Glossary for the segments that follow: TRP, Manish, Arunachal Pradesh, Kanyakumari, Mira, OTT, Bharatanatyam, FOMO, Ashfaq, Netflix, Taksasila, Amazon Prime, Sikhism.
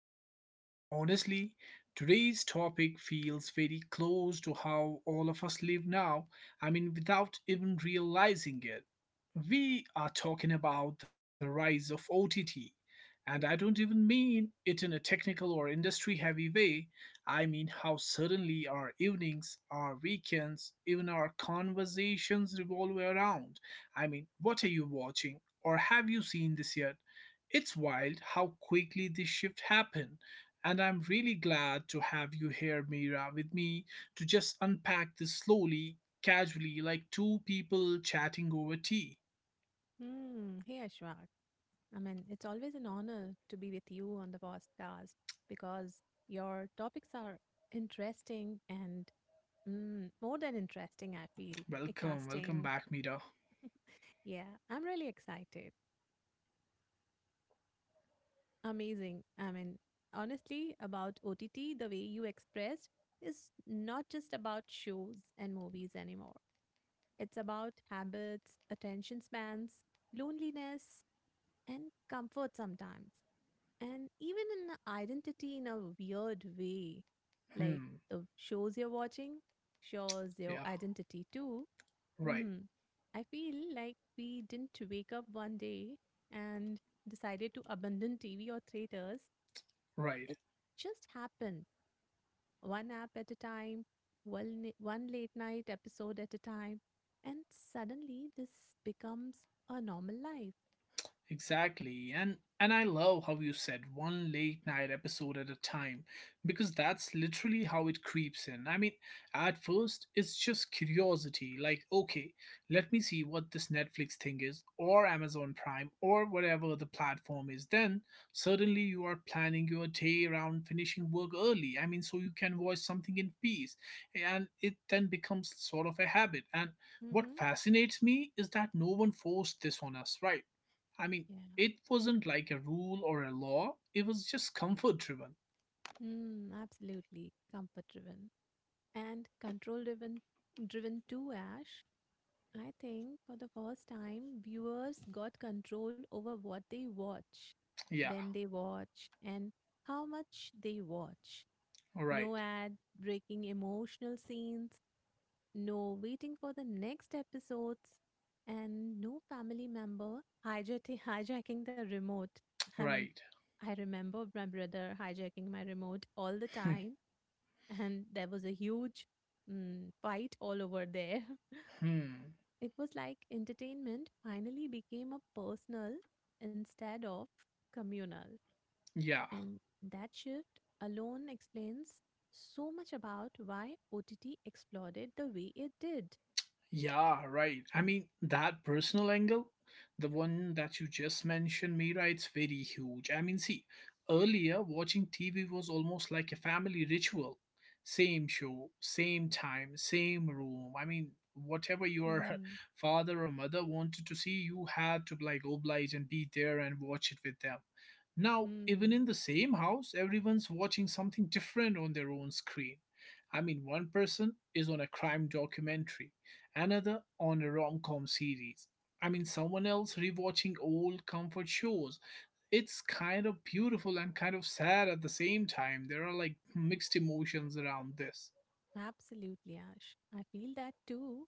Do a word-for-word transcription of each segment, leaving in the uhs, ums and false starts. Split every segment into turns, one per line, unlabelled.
Ashfaq, and honestly, today's topic feels very close to how all of us live now. I mean, without even realizing it. We are talking about the rise of O T T, and I don't even mean it in a technical or industry heavy way. I mean how suddenly our evenings, our weekends, even our conversations revolve around. I mean, what are you watching? Or have you seen this yet? It's wild how quickly this shift happened. And I'm really glad to have you here, Mira, with me to just unpack this slowly, casually, like two people chatting over tea.
Hmm. Hey, Ashwak. I mean, it's always an honor to be with you on the podcast because your topics are interesting and mm, more than interesting, I feel.
Welcome, welcome
Casting.
back, Mira.
Yeah, I'm really excited. Amazing. I mean, honestly, about O T T, the way you expressed is not just about shows and movies anymore. It's about habits, attention spans, loneliness, and comfort sometimes, and even in identity in a weird way. Like
Hmm,
the shows you're watching shows your
yeah,
identity too.
right,
Hmm. I feel like we didn't wake up one day and decided to abandon T V or theaters.
right.
It just happened, one app at a time, one, ni- one late night episode at a time, and suddenly this becomes a normal life.
Exactly. And and I love how you said one late night episode at a time because that's literally how it creeps in. I mean, at first it's just curiosity, like okay, let me see what this Netflix thing is or Amazon Prime or whatever the platform is. Then suddenly you are planning your day around finishing work early. I mean, so you can watch something in peace and it then becomes sort of a habit. And what
Mm-hmm.
fascinates me is that no one forced this on us, right? I mean,
Yeah.
it wasn't like a rule or a law, it was just comfort driven.
Mm, absolutely. Comfort driven, and control driven driven to Ash, I think for the first time viewers got control over what they watch,
Yeah,
when they watch, and how much they watch. No
right,
ad breaking emotional scenes, no waiting for the next episodes, and no family member hijacking, hijacking the remote. I mean,
right.
I remember my brother hijacking my remote all the time. And there was a huge mm, fight all over there.
Hmm.
It was like entertainment finally became a personal instead of communal.
Yeah.
And that shift alone explains so much about why O T T exploded the way it did.
Yeah, right. I mean, that personal angle, the one that you just mentioned, Mira, it's very huge. I mean, see, earlier watching T V was almost like a family ritual. Same show, same time, same room. I mean, whatever your
Hmm.
father or mother wanted to see, you had to like oblige and be there and watch it with them. Now, even
Hmm.
in the same house, everyone's watching something different on their own screen. I mean, one person is on a crime documentary another on a rom com series. I mean, someone else rewatching old comfort shows. It's kind of beautiful and kind of sad at the same time. There are like mixed emotions around this.
Absolutely, Ash. I feel that too.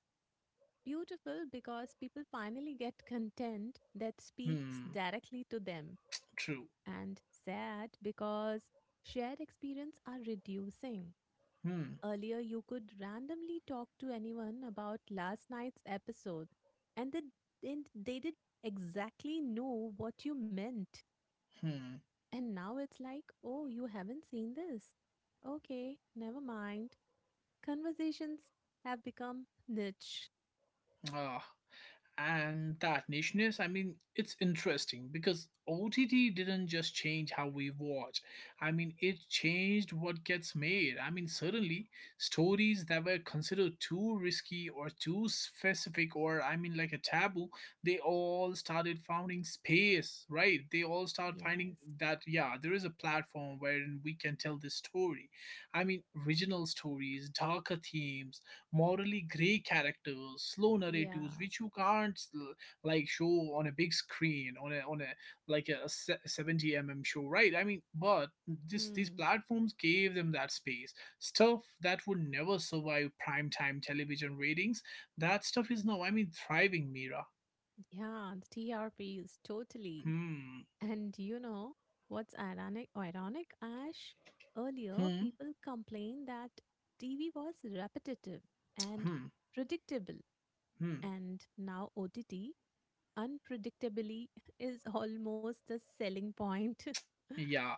Beautiful because people finally get content that speaks
Hmm,
directly to them,
true.
and sad because shared experience are reducing.
Hmm,
Earlier, you could randomly talk to anyone about last night's episode, and they didn't, they did exactly know what you meant.
hmm.
And now it's like, oh, you haven't seen this. Okay, never mind. Conversations have become niche.
Ah. And that nicheness, I mean it's interesting because OTT didn't just change how we watch. I mean it changed what gets made. I mean suddenly stories that were considered too risky or too specific or I mean like a taboo, they all started finding space, right? They all start finding
Yes.
that yeah, there is a platform wherein we can tell this story. I mean original stories, darker themes, morally gray characters, slow
Yeah.
narratives, which you can't s- like show on a big screen on a on a like a se- seventy m m show, right? I mean, but this these
Hmm.
platforms gave them that space. Stuff that would never survive primetime television ratings. That stuff is now, I mean, thriving, Mira.
Yeah. The T R Ps, totally.
Hmm.
And do you know what's ironic? Ironic, Ash. Earlier,
Hmm.
people complained that T V was repetitive and
Hmm.
predictable,
Hmm.
and now O T T unpredictably is almost the selling point.
Yeah.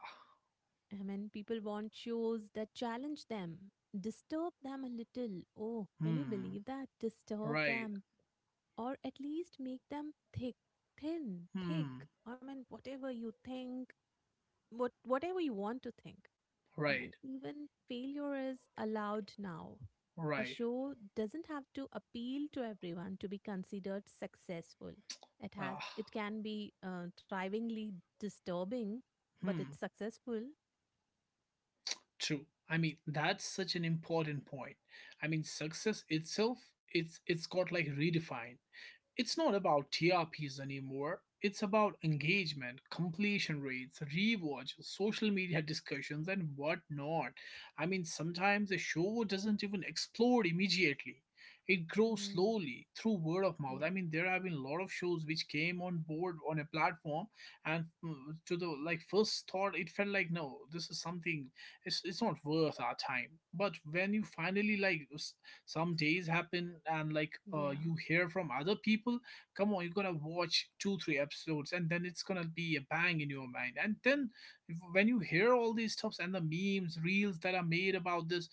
I mean, people want shows that challenge them, disturb them a little. Oh, can you
Hmm.
believe that? Disturb
Right.
them, or at least make them thick, thin, thick.
Hmm.
I mean, whatever you think, what whatever you want to think. I mean,
Right.
even failure is allowed now. A
Right.
show doesn't have to appeal to everyone to be considered successful. It has it
Ah.
can be uh, thrivingly disturbing, but
Hmm.
it's successful.
True. I mean, that's such an important point. I mean, success itself, it's it's got like redefined. It's not about T R Ps anymore. It's about engagement, completion rates, rewatch, social media discussions, and whatnot. I mean, sometimes a show doesn't even explode immediately. It grows
Mm,
slowly through word of mouth. I mean,
yes,
there have been a lot of shows which came on board on a platform, and mm, to the like first thought, it felt like no, this is something. It's it's not worth our time. But when you finally like s- some days happen and like uh,
yeah,
you hear from other people, come on, you're gonna watch two three episodes and then it's gonna be a bang in your mind. And then if, when you hear all these stuffs and the memes reels that are made about this,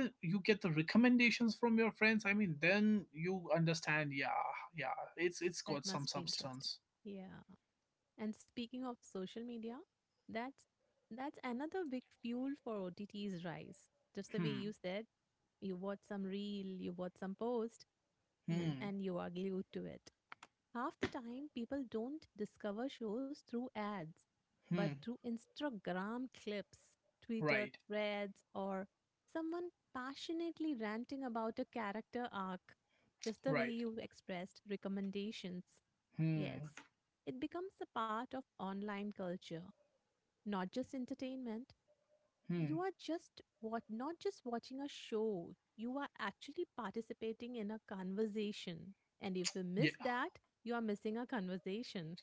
uh, you get the recommendations from your friends. I mean then you understand yeah, yeah, it's it's
that
got some
must be interesting.
substance.
Yeah, and speaking of social media, that's that's another big fuel for O T T's rise. Just the way
Hmm,
you said, you watch some reel, you watch some post. I mean,
hmm,
and you are glued to it. Half the time, people don't discover shows through ads, but
hmm,
through Instagram clips, Twitter
right,
threads, or someone passionately ranting about a character arc, just the way
right,
you expressed recommendations. Yes,
hmm,
it becomes a part of online culture, not just entertainment.
hmm.
You are just what not just watching a show, you are actually participating in a conversation, and if you
Yeah.
miss that, you are missing a conversation.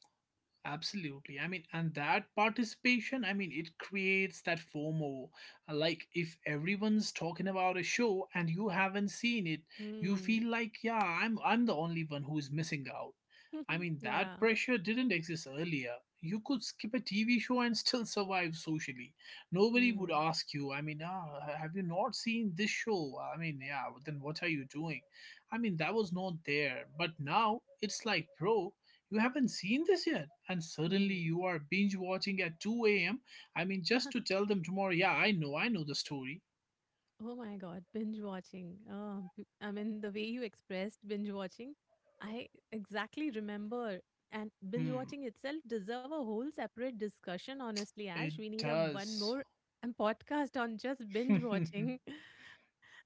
Absolutely. I mean, and that participation, I mean, it creates that FOMO. Uh, Like, if everyone's talking about a show and you haven't seen it, you
Hmm.
feel like, yeah, I'm I'm the only one who's missing out. I mean, that
Yeah.
pressure didn't exist earlier. You could skip a T V show and still survive socially. Nobody would
Hmm.
ask you, I mean, ah, have you not seen this show? I mean, yeah, then what are you doing? I mean, that was not there. But now it's like, bro, you haven't seen this yet and suddenly
Hmm.
you are binge watching at two a.m. I mean just to tell them tomorrow, yeah I know, I know the story.
Oh my god, binge watching. oh, b- I mean, the way you expressed binge watching, I exactly remember. And binge
Hmm,
watching itself deserve a whole separate discussion, honestly,
it
Ash. We need a m- one
does.
more um, podcast on just binge
Yeah,
watching.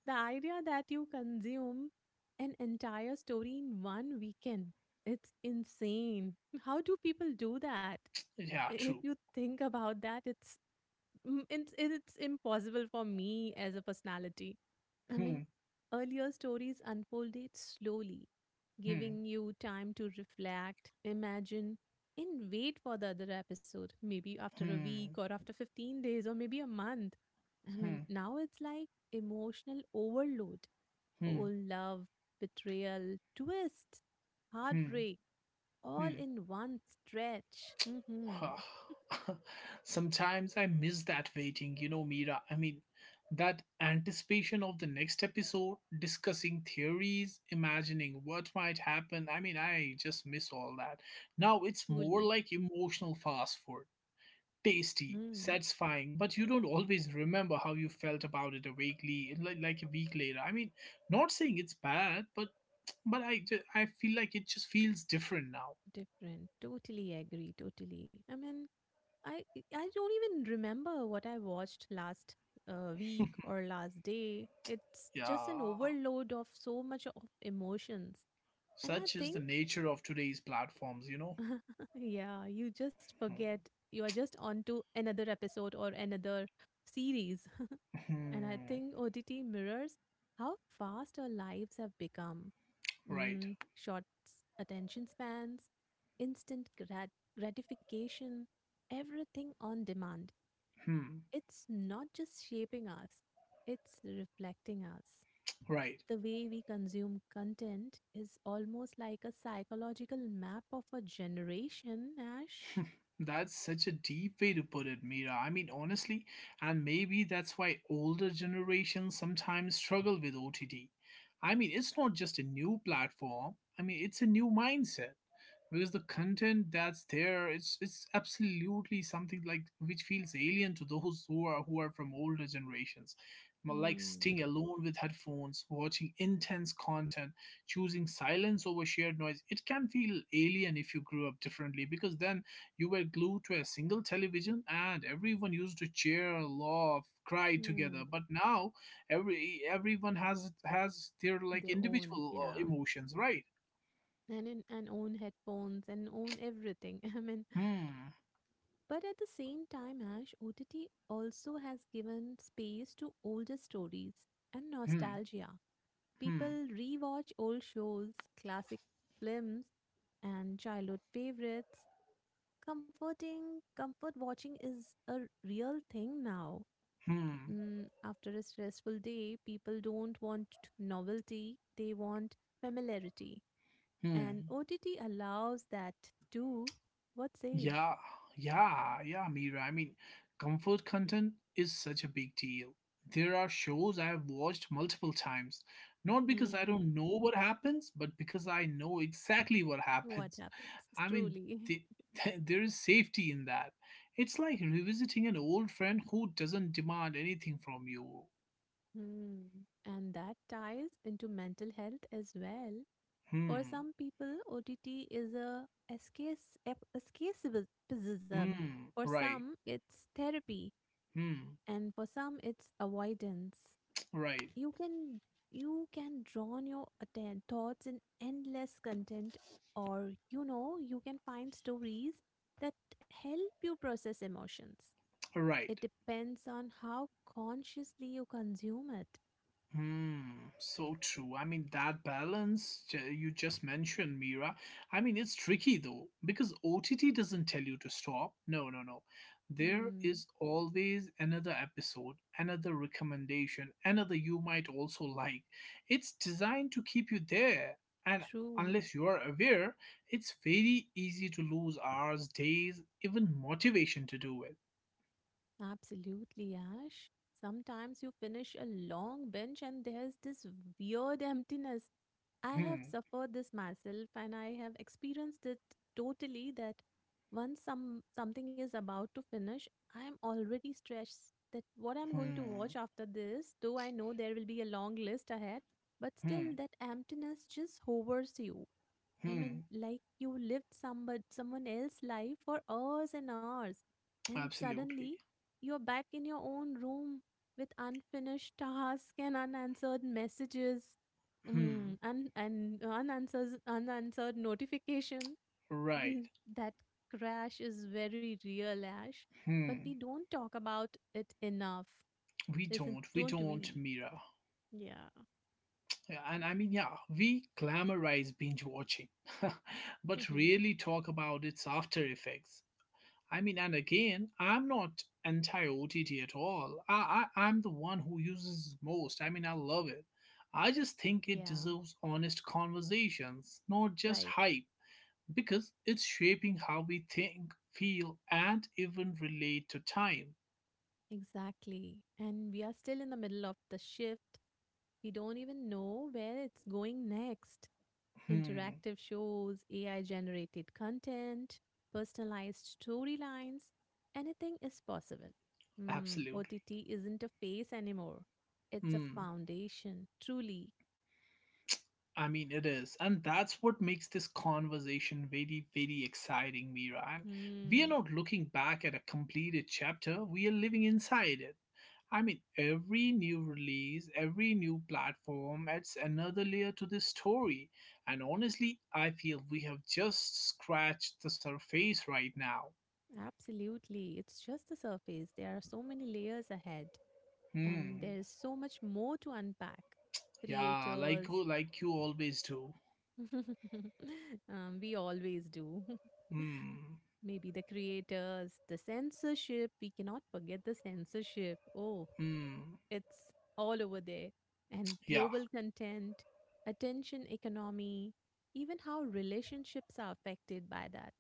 The idea that you consume an entire story in one weekend, it's insane. How do people do that? If
true.
you think about that, it's mm, it's it's impossible for me as a personality. I
Hmm,
mean, earlier stories unfolded slowly,
hmm,
giving you time to reflect, imagine, and wait for the other episode, maybe after a week
hmm,
or after fifteen days or maybe a month. I mean,
hmm,
now it's like emotional overload,
hmm,
old love, betrayal, twist,
hmm,
heartbreak, all
hmm.
in one stretch. Hmm.
Sometimes I miss that waiting, you know, Mira. I mean, that anticipation of the next episode, discussing theories, imagining what might happen. I mean, I just miss all that. Now it's more
Truly.
like emotional fast food. Tasty,
Mm,
satisfying, but you don't always remember how you felt about it a weekly, like, like a week later. I mean, not saying it's bad, but but I ju- I feel like it just feels different now.
Different. Totally agree. Totally. I mean, I I don't even remember what I watched last uh, week or last day. It's just an
Yeah.
overload of so much of emotions, and I
Such is the
think,
nature of today's platforms, you know?
yeah, you just forget. You are just on to another episode or another series. And I
Hmm.
think O T T mirrors how fast our lives have become.
Right.
Mm, short s- attention spans, instant grat- gratification, everything on demand.
Hmm.
It's not just shaping us, it's reflecting us.
Right.
The way we consume content is almost like a psychological map of a generation, Ash.
That's such a deep way to put it, Mira. I mean, honestly, and maybe that's why older generations sometimes struggle with O T T. I mean, it's not just a new platform, I mean, it's a new mindset. Because the content that's there, it's it's absolutely something like which feels alien to those who are who are from older generations. M- like
Hmm.
staying alone with headphones watching intense content, choosing silence over shared noise, it can feel alien if you grew up differently, because then you were glued to a single television and everyone used to cheer, laugh, cry
Hmm.
together. But now every everyone has has their like
Their own,
individual uh,
yeah,
emotions, right?
and in and own headphones and own everything. I mean,
Hmm,
but at the same time, Ash, O T T also has given space to older stories and
hmm,
nostalgia.
hmm.
People rewatch old shows, classic films, and childhood favorites. Comforting, comfort watching is a r- real thing now.
Hmm.
Mm, after a stressful day, people don't want novelty, they want familiarity.
Hmm.
And O T T allows that too. What say?
Yeah. Yeah. Yeah, Mira. I mean, comfort content is such a big deal. There are shows I've watched multiple times, not because I
Hmm.
don't know what happens, but because I know exactly what
What
happens.
happens?
I mean,
Truly.
the, there is safety in that. It's like revisiting an old friend who doesn't demand anything from you.
Hmm. And that ties into mental health as well. For
Hmm.
some people, O T T is a escapes- ep- escapism.
Hmm.
For
Right.
some, it's therapy,
Hmm.
and for some, it's avoidance.
Right.
You can you can draw on your atten- thoughts in endless content, or you know you can find stories that help you process emotions. It
Right.
depends on how consciously you consume it.
Hmm, so true. I mean, that balance ju- you just mentioned, Mira. I mean, it's tricky though, because O T T doesn't tell you to stop. No, no, no. There
Hmm,
is always another episode, another recommendation, another you might also like. It's designed to keep you there. And
true.
unless you are aware, it's very easy to lose hours, days, even motivation to do it.
Absolutely, Ash. Sometimes you finish a long binge and there's this weird emptiness. I have
Hmm,
suffered this myself and I have experienced it totally that once some something is about to finish, I am already stressed that what I'm going to
hmm,
watch after this, though I know there will be a long list ahead, but still
hmm,
that emptiness just hovers you. I mean,
hmm.
like you lived somebody, someone else's life for hours and hours, and suddenly
Absolutely.
you're back in your own room with unfinished tasks and unanswered messages, mm,
Hmm.
un- and unanswered, unanswered notification.
Right.
That crash is very real, Ash, but we
Hmm.
don't talk about it enough,
We
isn't?
don't. We
Don't
don't,
we?
Mira.
Yeah.
Yeah, and I mean, yeah, we glamorize binge watching, but really talk about its after effects. I mean, and again, I'm not anti O T T at all. I, I, I'm the one who uses it most. I mean, I love it. I just think it
Yeah.
deserves honest conversations, not just
Right.
hype, because it's shaping how we think, feel, and even relate to time.
Exactly. And we are still in the middle of the shift. We don't even know where it's going next.
Hmm.
Interactive shows, A I generated content, personalized storylines, anything is possible. Hmm,
Absolutely.
O T T isn't a phase anymore. It's a
Hmm.
foundation, truly.
I mean, it is. And that's what makes this conversation very, very exciting, Mira. And we are
Hmm,
not looking back at a completed chapter, we are living inside it. I mean, every new release, every new platform adds another layer to this story. And honestly, I feel we have just scratched the surface right now.
absolutely. It's just the surface. There are so many layers ahead, and
Hmm.
there is so much more to unpack,
Yeah, like,
creators.
like you always do.
Um, we always do.
Hmm.
Maybe the creators, the censorship. We cannot forget the censorship. Oh,
Hmm.
it's all over there. And
Yeah,
global content, attention economy, even how relationships are affected by that.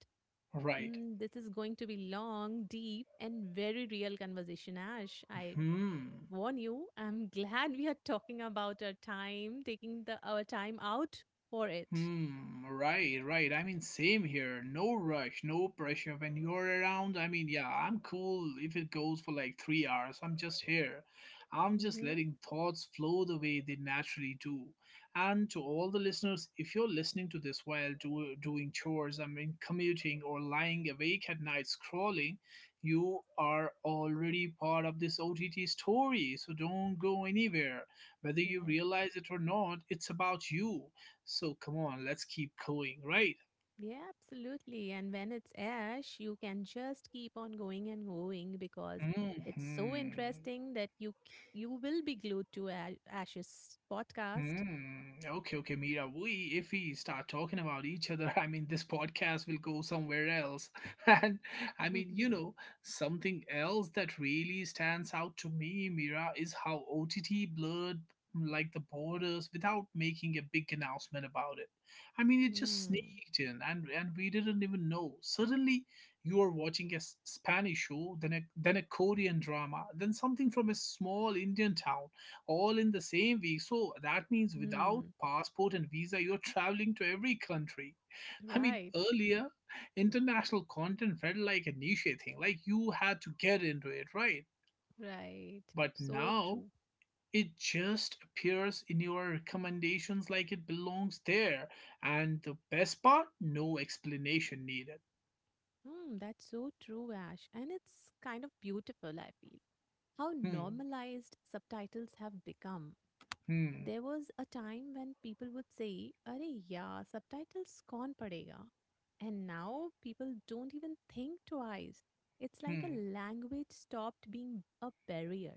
right.
Mm, this is going to be long, deep, and very real conversation, Ash. I
Hmm.
warn you, I'm glad we are talking about our time, taking the our time out for it.
Hmm, right, right. I mean, same here. No rush, no pressure when you're around. I mean, yeah, I'm cool if it goes for like three hours. I'm just here. I'm just
Mm-hmm.
letting thoughts flow the way they naturally do. And to all the listeners, if you're listening to this while do, doing chores, I mean, commuting or lying awake at night scrolling, you are already part of this O T T story. So don't go anywhere. Whether you
Yes.
realize it or not, it's about you, so come on, let's keep going, right?
Yeah, absolutely. And when it's Ash, you can just keep on going and going because it's so
Hmm.
interesting that you c- you will be glued to A- Ash's podcast.
Hmm. Okay, okay, Mira. We, if we start talking about each other, I mean, this podcast will go somewhere else. And I mean, you know, something else that really stands out to me, Mira, is how O T T blurred mm, like the borders without making a big announcement about it. I mean, it just
Hmm.
sneaked in, and and we didn't even know. Suddenly, you are watching a s- Spanish show, then a then a Korean drama, then something from a small Indian town, all in the same week. So that means without
Hmm.
passport and visa, you're traveling to every country. I mean,
Right.
earlier, international content felt like a niche thing, like you had to get into it, right?
Right.
But
So
now,
true.
it just appears in your recommendations like it belongs there. And the best part, no explanation needed.
Hmm. That's so true, Ash. And it's kind of beautiful, I feel. How
Hmm,
normalized subtitles have become.
hmm,
There was a time when people would say, "Arey yeah, subtitles kaun padega? And now people don't even think twice. It's like a
hmm,
language stopped being a barrier.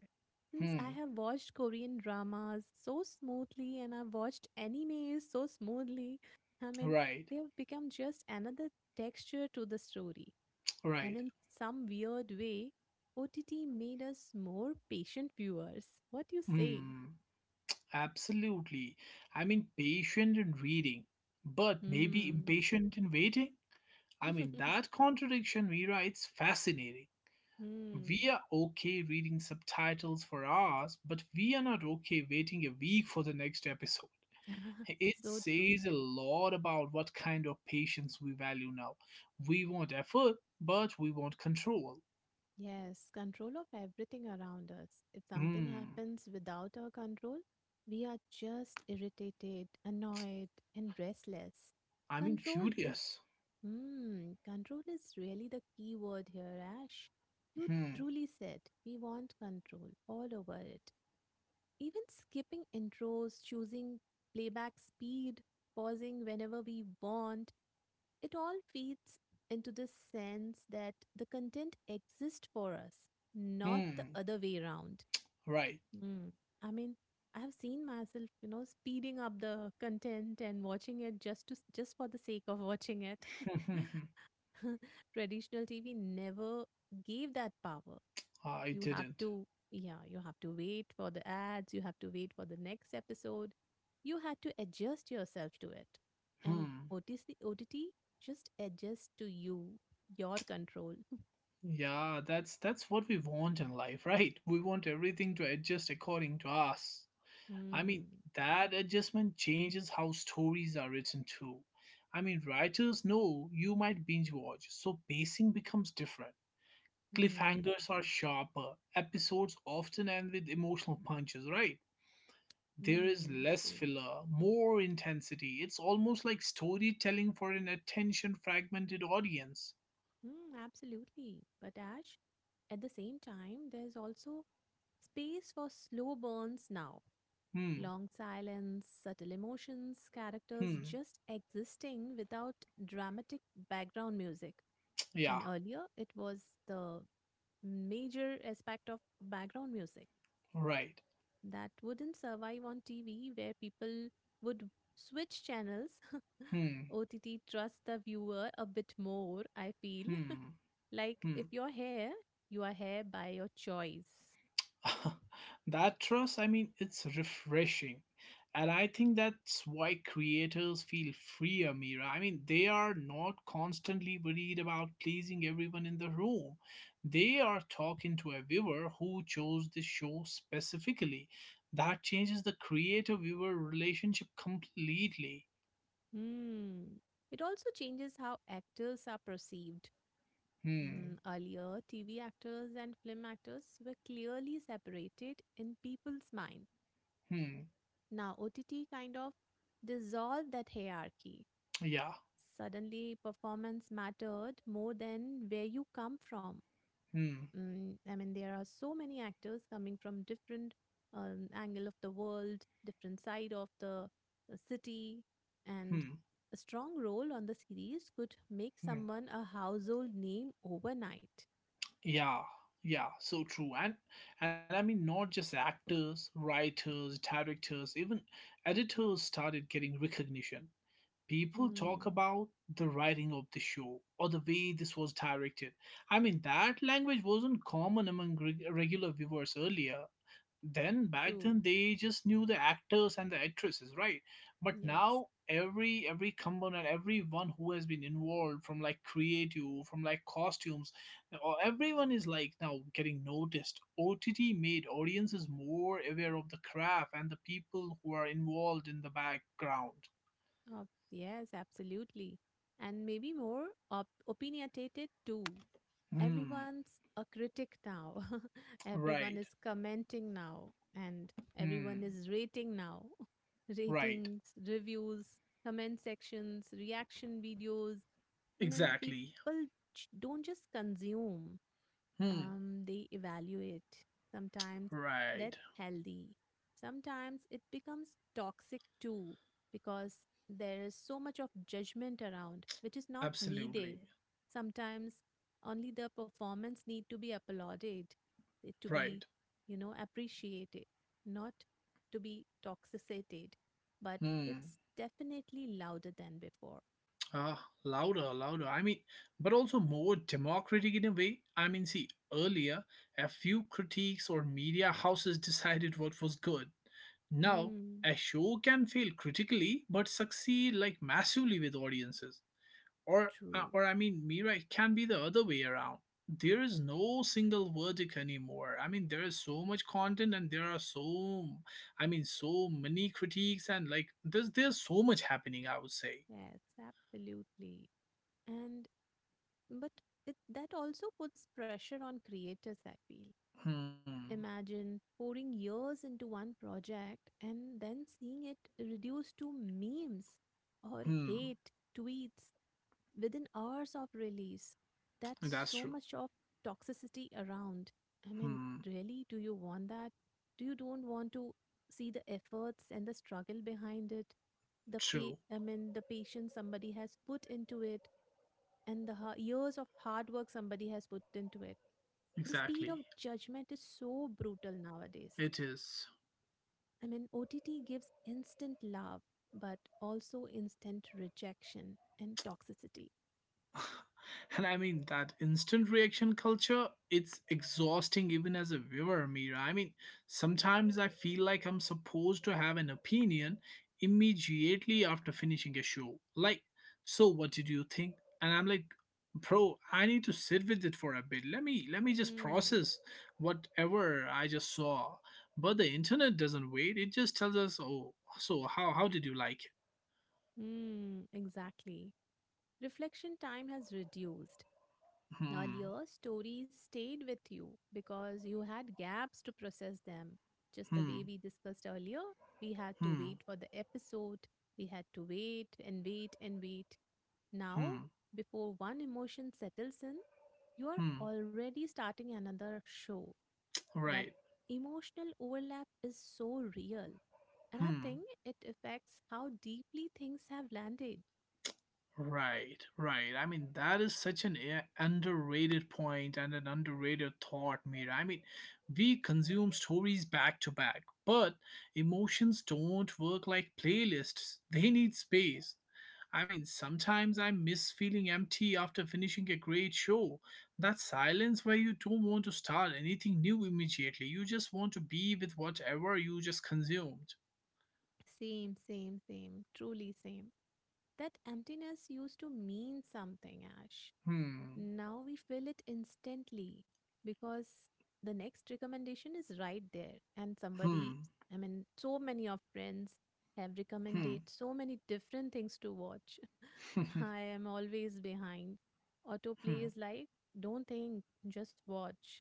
Since I
hmm.
have watched Korean dramas so smoothly and I've watched anime so smoothly, I mean,
Right,
they've become just another texture to the story. And
right.
in some weird way, O T T made us more patient viewers. What do you say?
Hmm. Absolutely. I mean, patient in reading, but maybe
Hmm.
impatient in waiting. I mean, that contradiction, Mira, it's fascinating. We
Hmm.
are okay reading subtitles for hours, but we are not okay waiting a week for the next episode. It
So true.
says a lot about what kind of patience we value now. We want effort, but we want control.
Yes, control of everything around us. If something
Hmm.
happens without our control, we are just irritated, annoyed, and restless.
I mean,
Control is,
furious.
hmm, Control is really the key word here, Ash. You
Hmm.
truly said we want control all over it. Even skipping intros, choosing playback speed, pausing whenever we want, it all feeds into this sense that the content exists for us, not the
Hmm.
other way around.
Right.
Mm. I mean, I have seen myself, you know, speeding up the content and watching it just to just for the sake of watching it. Traditional T V never gave that power.
I
You have
didn't.
to, yeah, you have to wait for the ads, you have to wait for the next episode, you had to adjust yourself to it, and
Hmm.
O T C OTT just adjusts to you, your control.
Yeah, that's that's what we want in life, right? We want everything to adjust according to us. I mean,
Hmm.
that adjustment changes how stories are written too. I mean, writers know you might binge watch, so pacing becomes different.
Hmm.
Cliffhangers are sharper. Episodes often end with emotional punches, right? There is
Hmm.
less
True.
filler, more intensity. It's almost like storytelling for an attention fragmented audience.
Hmm. Absolutely. But Ash, at the same time, there's also space for slow burns now,
Hmm.
long silence, subtle emotions, characters
Hmm.
just existing without dramatic background music.
Yeah,
And earlier, it was the major aspect of background music
right.
that wouldn't survive on T V, where people would switch channels.
Hmm.
O T T trusts the viewer a bit more, I feel.
Hmm.
Like
Hmm.
if you're here, you are here by your choice.
That trust, I mean, it's refreshing. And I think that's why creators feel free, Amira. I mean, they are not constantly worried about pleasing everyone in the room. They are talking to a viewer who chose this show specifically. That changes the creator viewer relationship completely.
Hmm. It also changes how actors are perceived.
Hmm.
Mm, earlier, T V actors and film actors were clearly separated in people's mind.
Hmm.
Now, O T T kind of dissolved that hierarchy.
Yeah.
Suddenly, performance mattered more than where you come from.
Hmm.
Mm, I mean, there are so many actors coming from different um, angle of the world, different side of the uh, city, and
Hmm.
a strong role on the series could make
Hmm.
someone a household name overnight.
Yeah, yeah, so true. And and I mean not just actors, writers, directors, even editors started getting recognition. People talk
Hmm.
about the writing of the show or the way this was directed. I mean that language wasn't common among reg- regular viewers earlier. Then back then
True.
they just knew the actors and the actresses, right? But
Yes.
now every every component, everyone who has been involved from like creative, from like costumes, or everyone is like now getting noticed. OTT made audiences more aware of the craft and the people who are involved in the background.
Uh, yes. Absolutely. And maybe more op- opinionated too.
Hmm.
Everyone's a critic now. Everyone
Right.
is commenting now and
Hmm.
everyone is rating now.
Right.
Ratings, reviews, comment sections, reaction videos. I mean,
Exactly.
people j- don't just consume,
Hmm.
um, they evaluate. Sometimes
Right.
that's healthy. Sometimes it becomes toxic too because there is so much of judgment around which is not needed.
Absolutely.
Sometimes only the performance need to be applauded, it to be,
Right.
you know, appreciated, not to be toxicated. But
Hmm.
it's definitely louder than before.
Ah, louder, louder. I mean, but also more democratic in a way. I mean, see, earlier, a few critiques or media houses decided what was good. Now,
Hmm,
a show can fail critically but succeed like massively with audiences. Or, uh,
true.
or I mean, Mira, it can be the other way around. There is no single verdict anymore. I mean, there is so much content and there are so, I mean, so many critiques and like there's there's so much happening, I would say.
Yes, absolutely. And But it, that also puts pressure on creators, I feel.
Hmm.
Imagine pouring years into one project and then seeing it reduced to memes or
Hmm,
hate tweets within hours of release. That's
that's
so
true.
much of toxicity around. I mean,
Hmm,
really, do you want that? Do you don't want to see the efforts and the struggle behind it? The
true.
pay, I mean, the patience somebody has put into it and the ha- years of hard work somebody has put into it. The speed of
Exactly.
judgment is so brutal nowadays.
It is.
I mean, O T T gives instant love, but also instant rejection and toxicity.
And I mean that instant reaction culture, it's exhausting even as a viewer, Mira. I mean, sometimes I feel like I'm supposed to have an opinion immediately after finishing a show. Like, so what did you think? And I'm like, bro, I need to sit with it for a bit. Let me let me just
Hmm.
process whatever I just saw. But the internet doesn't wait. It just tells us, oh, so how how did you like it?
Hmm. Exactly. Reflection time has reduced.
Hmm.
Earlier, stories stayed with you because you had gaps to process them. Just the way
Hmm.
we discussed earlier, we had to
Hmm.
wait for the episode, we had to wait and wait and wait. Now,
Hmm.
before one emotion settles in, you are
Hmm.
already starting another show. That
Right.
emotional overlap is so real. And I
Hmm.
think it affects how deeply things have landed.
Right, right. I mean, that is such an a- underrated point and an underrated thought, Mira. I mean, we consume stories back to back, but emotions don't work like playlists. They need space. I mean, sometimes I miss feeling empty after finishing a great show. That silence where you don't want to start anything new immediately. You just want to be with whatever you just consumed.
Same, same, same. Truly same. That emptiness used to mean something, Ash.
Hmm.
Now we feel it instantly because the next recommendation is right there. And
Hmm.
somebody, I mean, so many of friends have
Hmm.
recommended so many different things to watch. I am always behind. Autoplay
Hmm.
is like, don't think, just watch.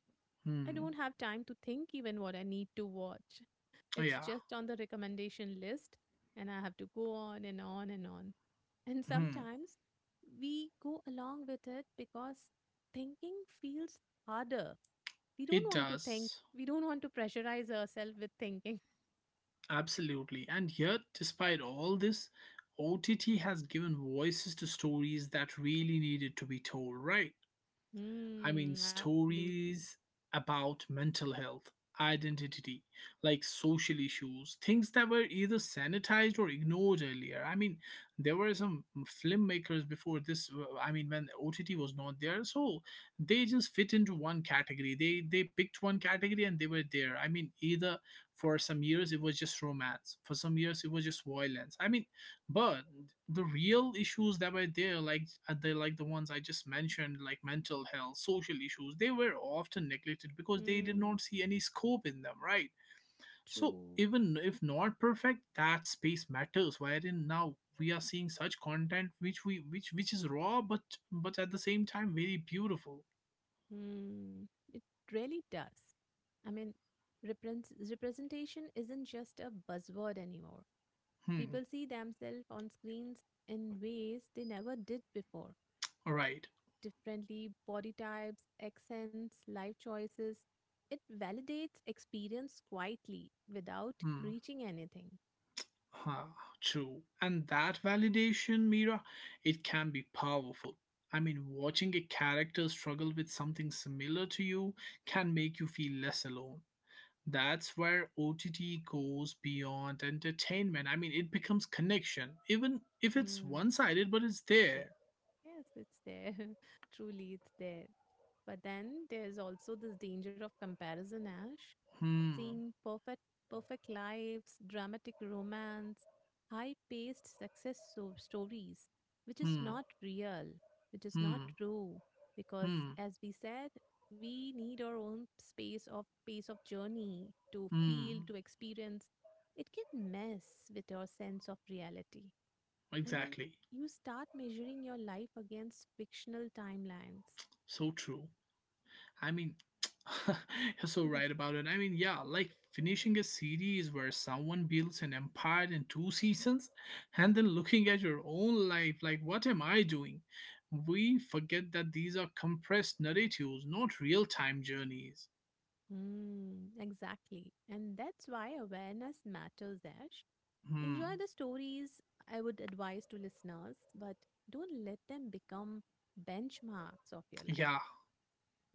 I don't
Hmm.
have time to think even what I need to watch. It's
Yeah.
just on the recommendation list, and I have to go on and on and on. And
Hmm.
sometimes we go along with it because thinking feels harder. We don't
It
want to think,
does.
we don't want to pressurize ourselves with thinking.
Absolutely. And yet, despite all this, O T T has given voices to stories that really needed to be told, right? I mean,
Hmm, absolutely.
stories about mental health, identity, like social issues, things that were either sanitized or ignored earlier. I mean, there were some filmmakers before this. uh, I mean, when O T T was not there, so they just fit into one category. They they picked one category and they were there. I mean, either for some years it was just romance, for some years it was just violence. I mean, but the real issues that were there like uh, the like the ones I just mentioned, like mental health, social issues, they were often neglected because they did
Hmm,
not see any scope in them, right? So
true.
even if not perfect, that space matters wherein now we are seeing such content which we which which is raw but but at the same time very beautiful.
Hmm, it really does. I mean, reprens- representation isn't just a buzzword anymore.
Hmm.
People see themselves on screens in ways they never did before.
All right.
Differently, body types, accents, life choices. It validates experience quietly without
Hmm.
preaching anything.
Huh, true. And that validation, Mira, it can be powerful. I mean, watching a character struggle with something similar to you can make you feel less alone. That's where O T T goes beyond entertainment. I mean, it becomes connection, even if it's
Hmm.
one sided, but it's there.
Yes. Yes, it's there. Truly, it's there. But then there's also this danger of comparison, Ash.
Hmm.
Seeing perfect perfect lives, dramatic romance, high-paced success so- stories, which is
Hmm.
not real, which is not
Hmm.
true, because
Hmm.
as we said, we need our own space of pace of journey to feel,
Hmm.
to experience. It can mess with your sense of reality. I mean,
Exactly.
you start measuring your life against fictional timelines.
So true. I mean, you're so right about it. I mean, yeah, like finishing a series where someone builds an empire in two seasons and then looking at your own life like, what am I doing? We forget that these are compressed narratives, not real time journeys.
Mm, exactly. And that's why awareness matters, Ash. Enjoy
Hmm.
the stories, I would advise to listeners, but don't let them become benchmarks of your life.
Yeah,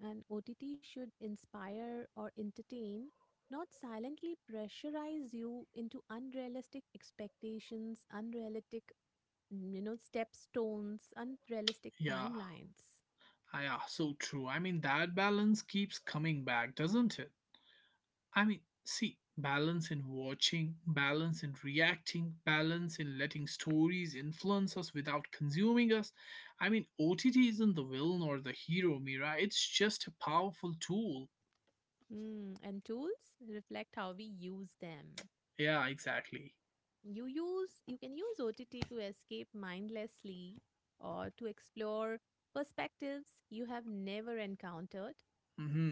And O T T should inspire or entertain, not silently pressurize you into unrealistic expectations, unrealistic, mm, you know, stepstones, unrealistic
yeah.
timelines.
Ah, Yeah, so true. I mean, that balance keeps coming back, doesn't it? I mean, see, balance in watching, balance in reacting, balance in letting stories influence us without consuming us. I mean, O T T isn't the villain or the hero, Mira. It's just a powerful tool.
Hmm. And tools reflect how we use them.
Yeah, exactly.
You use you can use O T T to escape mindlessly or to explore perspectives you have never encountered.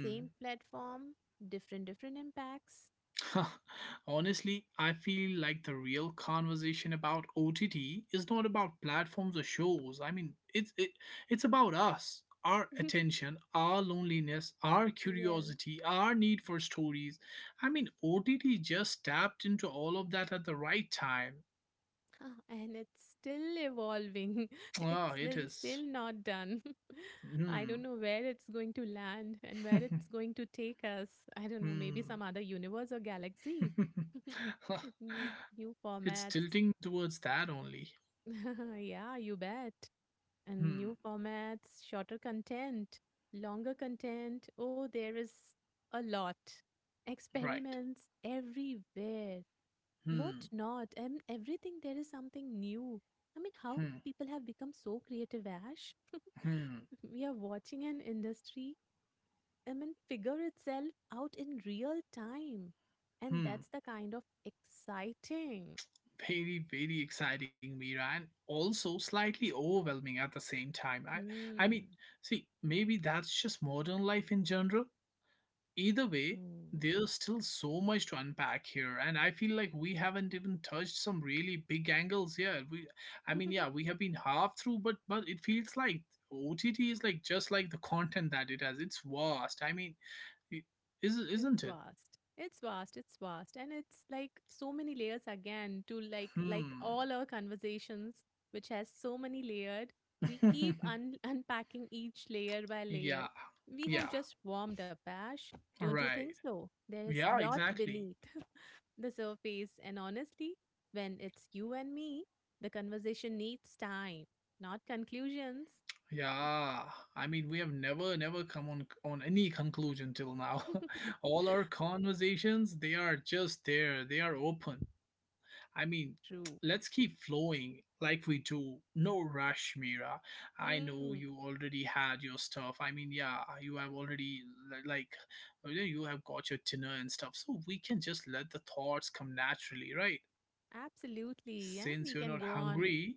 Same platform, different different impacts.
Honestly, I feel like the real conversation about O T T is not about platforms or shows. I mean, it's it, it's about us, our attention, our loneliness, our
Yes.
curiosity, our need for stories. I mean, O T T just tapped into all of that at the right time.
Ah, and it's still evolving. It's
Ah, it
still
is.
still not done. I don't
Hmm.
know where it's going to land and where it's going to take us. I don't know, maybe some
Hmm.
other universe or galaxy. new New
It's
formats.
tilting towards that only.
Yeah, you bet. And new
Hmm.
formats, shorter content, longer content. Oh, there is a lot.
Right.
Experiments everywhere. What
Hmm.
not? And everything there is something new. I mean, how
Hmm.
people have become so creative, Ash.
Hmm.
We are watching an industry, I mean, figure itself out in real time. And
Hmm.
that's the kind of exciting.
Very, very exciting, Mira, and also slightly overwhelming at the same time. I i mean,
Hmm.
see, maybe that's just modern life in general. Either way,
Hmm.
there's still so much to unpack here and I feel like we haven't even touched some really big angles yet. We, I mean, yeah, we have been half through but but it feels like OTT is like just like the content that it has, it's vast. I mean, it, is,
It's
isn't it?
vast. It's vast. It's vast. And it's like so many layers again to like like
Hmm.
all our conversations, which has so many layered. We keep un- unpacking each layer by layer.
Yeah.
We have
Yeah.
just warmed up, Ash. Don't you think
Right.
so? There is
Yeah,
lot
exactly.
beneath the surface. And honestly, when it's you and me, the conversation needs time, not conclusions.
Yeah, I mean, we have never, never come on on any conclusion till now. All our conversations, they are just there. They are open. I mean,
True.
let's keep flowing like we do. No rush, Mira. I know
Mm,
you already had your stuff. I mean, yeah, you have already li- like you know, you have got your dinner and stuff. So we can just let the thoughts come naturally, right?
absolutely. And
Since
we
you're
can
not
go on.
hungry,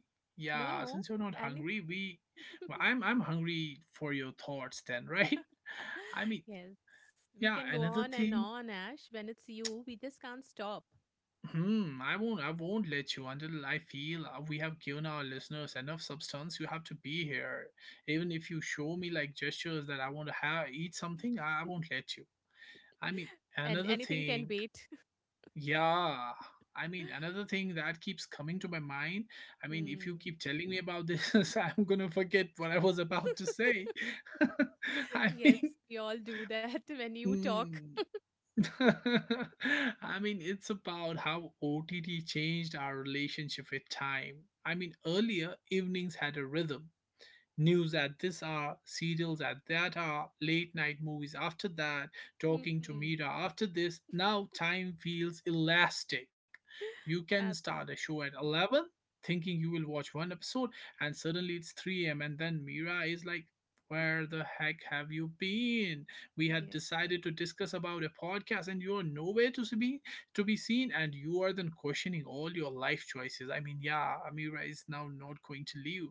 No,
yeah,
no.
since you're not
And
hungry, we well, I'm I'm hungry for your thoughts then, right? I mean,
yes, we
yeah,
can go
another
on and
thing,
on, Ash. When it's you, we just can't stop.
hmm, I won't I won't let you until I feel uh, we have given our listeners enough substance. You have to be here. Even if you show me like gestures that I want to have eat something, I, I won't let you. I mean,
And
another
anything can
thing.
wait.
Yeah. I mean, another thing that keeps coming to my mind. I mean, if you
Hmm.
keep telling me about this, I'm going to forget what I was about to say. I
Yes,
mean,
we all do that when you talk.
mm. I mean, it's about how O T T changed our relationship with time. I mean, earlier evenings had a rhythm. News at this hour, serials at that hour, late night movies after that, talking to
Hmm.
Mira after this. Now time feels elastic. You can start a
Absolutely.
show at eleven thinking you will watch one episode and suddenly it's three a m and then Mira is like, where the heck have you been? We had
Yeah.
decided to discuss about a podcast and you're nowhere to be to be seen and you are then questioning all your life choices. I mean, yeah, Amira is now not going to leave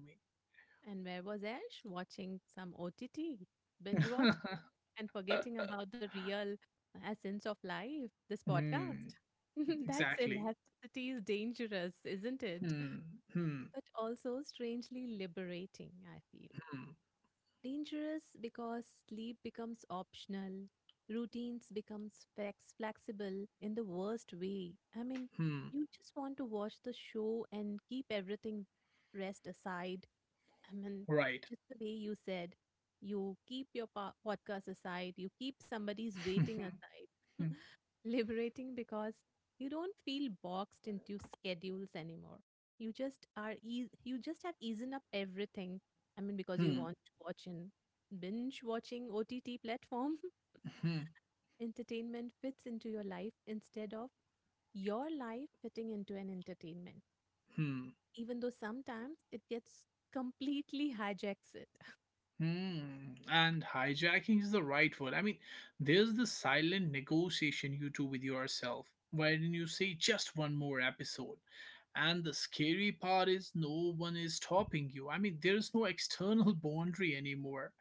And where was Ash? Watching some O T T,
me.
binge watch, and forgetting about the real essence of life, this
Hmm,
podcast. That's
exactly.
elasticity is dangerous, isn't it?
Hmm. Hmm.
But also strangely liberating, I feel.
Hmm.
Dangerous because sleep becomes optional, routines becomes flex- flexible in the worst way. I mean,
Hmm.
you just want to watch the show and keep everything rest aside. I mean,
Right.
just the way you said, you keep your po- podcast aside, you keep somebody's waiting aside, liberating because you don't feel boxed into schedules anymore. You just are, eas you just have easen up everything. I mean, because you
Hmm.
want to watch in binge watching O T T platform,
Hmm. Hmm.
entertainment fits into your life instead of your life fitting into an entertainment
Hmm.
even though sometimes it gets completely hijacks it.
Hmm. And hijacking is the right word. I mean, there's the silent negotiation you do with yourself, wherein you say just one more episode. And the scary part is no one is stopping you. I mean, there is no external boundary anymore.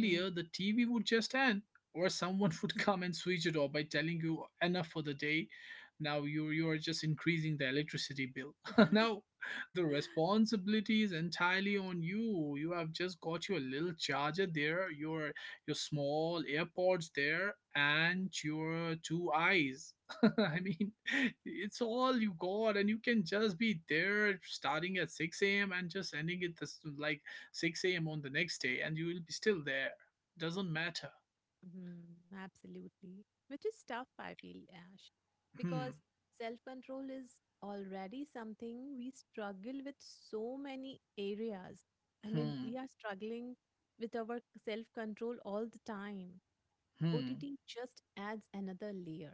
Mm,
the T V would just end, or someone would come and switch it off by telling you enough for the day. Now you you are just increasing the electricity bill. Now, the responsibility is entirely on you. You have just got your little charger there, your your small AirPods there, and your two eyes. I mean, it's all you got, and you can just be there starting at six a m and just ending it this, like six a m on the next day, and you will be still there. Doesn't matter.
mhm. Absolutely. Which is tough, I feel, Ash,
Hmm.
because self control is already something we struggle with so many areas. I mean,
Hmm.
we are struggling with our self control all the time.
Hmm.
O T T just adds another layer.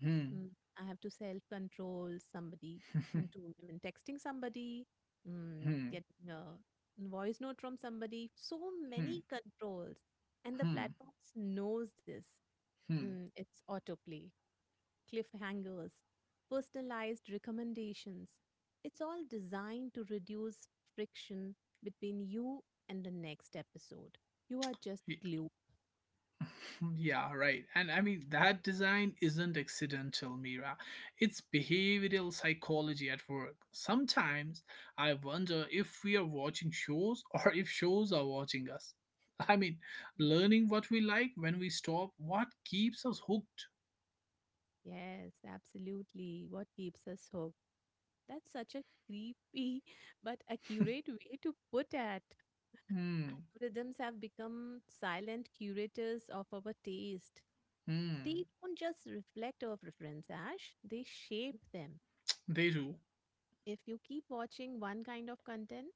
Hmm.
Mm, I have to self control somebody into I mean, texting somebody, mm,
Hmm.
getting a voice note from somebody. So
Hmm.
many controls, and the
Hmm.
platforms knows this.
Hmm.
Mm, it's autoplay, cliffhangers, personalized recommendations. It's all designed to reduce friction between you and the next episode. You are just glued.
Mm, Yeah, right. And I mean, that design isn't accidental, Mira. It's behavioral psychology at work. Sometimes I wonder if we are watching shows or if shows are watching us. I mean, learning what we like when we stop, what keeps us hooked?
Yes, absolutely. What keeps us hooked? That's such a creepy but accurate way to put it.
Hmm.
Algorithms have become silent curators of our taste. They
Hmm.
don't just reflect our preference, Ash, they shape them.
They do.
If you keep watching one kind of content,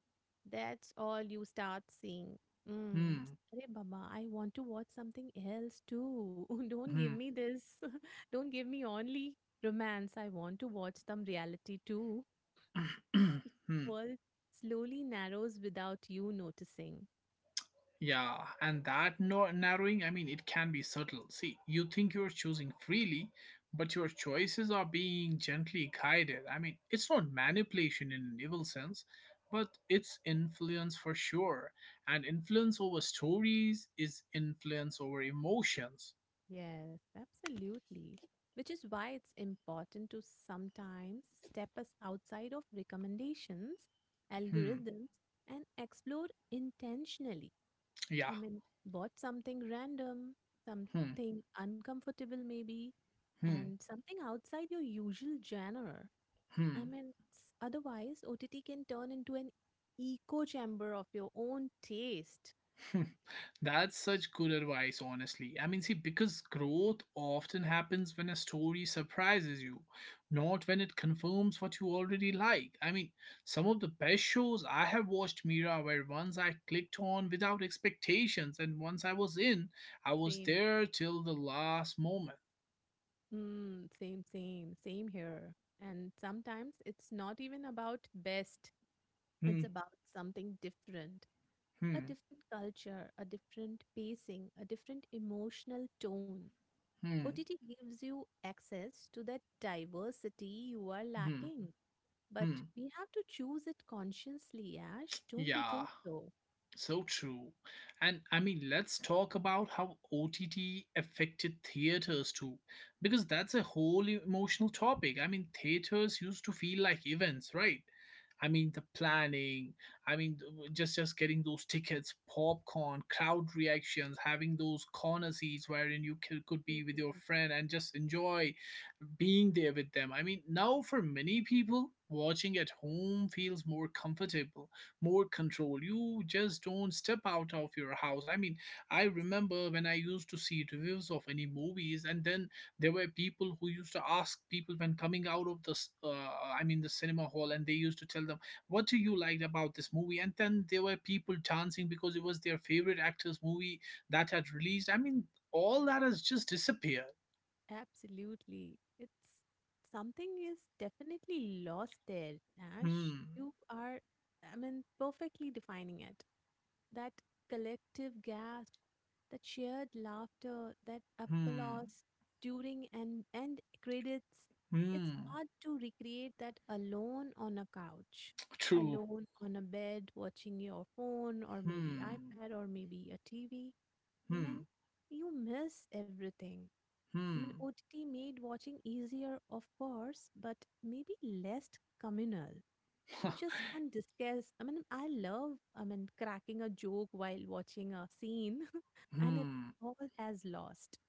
that's all you start seeing. Mm.
Hmm.
Hey, Baba, I want to watch something else too. Don't give
Hmm.
me this. Don't give me only romance. I want to watch some reality too.
Hmm.
World slowly narrows without you noticing.
Yeah, and that no- narrowing, I mean, it can be subtle. See, you think you're choosing freely, but your choices are being gently guided. I mean, it's not manipulation in an evil sense, but it's influence for sure. And influence over stories is influence over emotions.
Yes, absolutely. Which is why it's important to sometimes step us outside of recommendations,
Hmm,
algorithms, and explore intentionally.
yeah,
I mean, bought something random,
hmm,
something uncomfortable maybe,
hmm,
and something outside your usual genre. I
hmm.
mean, it's, otherwise, O T T can turn into an echo chamber of your own taste.
That's such good advice, honestly. I mean, see, because growth often happens when a story surprises you, not when it confirms what you already like. I mean, some of the best shows I have watched, Mira, where once I clicked on without expectations, and once I was in, I was
Same.
there till the last moment.
Mm, same, same, same here. And sometimes it's not even about best, it's
Hmm,
about something different. A
hmm,
different culture, a different pacing, a different emotional tone.
hmm,
O T T gives you access to that diversity you are
hmm,
lacking, but
hmm.
we have to choose it consciously, Ash. Don't you
Yeah.
think so?
So true. And I mean, let's talk about how O T T affected theaters too, because that's a whole emotional topic. I mean, theaters used to feel like events, right? I mean, the planning, I mean, th- just just getting those tickets, popcorn, crowd reactions, having those corner seats wherein you c- could
Hmm.
be with your friend and just enjoy being there with them. I mean, now for many people, watching at home feels more comfortable, more control. You just don't step out of your house. I mean, I remember when I used to see reviews of any movies, and then there were people who used to ask people when coming out of the, s- uh, I mean, the cinema hall, and they used to tell them, "What do you like about this movie?" And then there were people dancing because it was their favorite actor's movie that had released. I mean, all that has just disappeared.
Absolutely. It's something is definitely lost there, Nash.
Hmm.
You are, I mean, perfectly defining it. That collective gasp, that shared laughter, that
Hmm.
applause during and end credits. It's
Hmm.
hard to recreate that alone on a couch,
True.
alone on a bed, watching your phone or maybe
Hmm.
iPad or maybe a T V. I mean,
Hmm.
you miss everything. I mean,
Hmm.
O T T made watching easier, of course, but maybe less communal. You just can't discuss. I mean, I love, I mean, cracking a joke while watching a scene, and it
Hmm.
all has lost.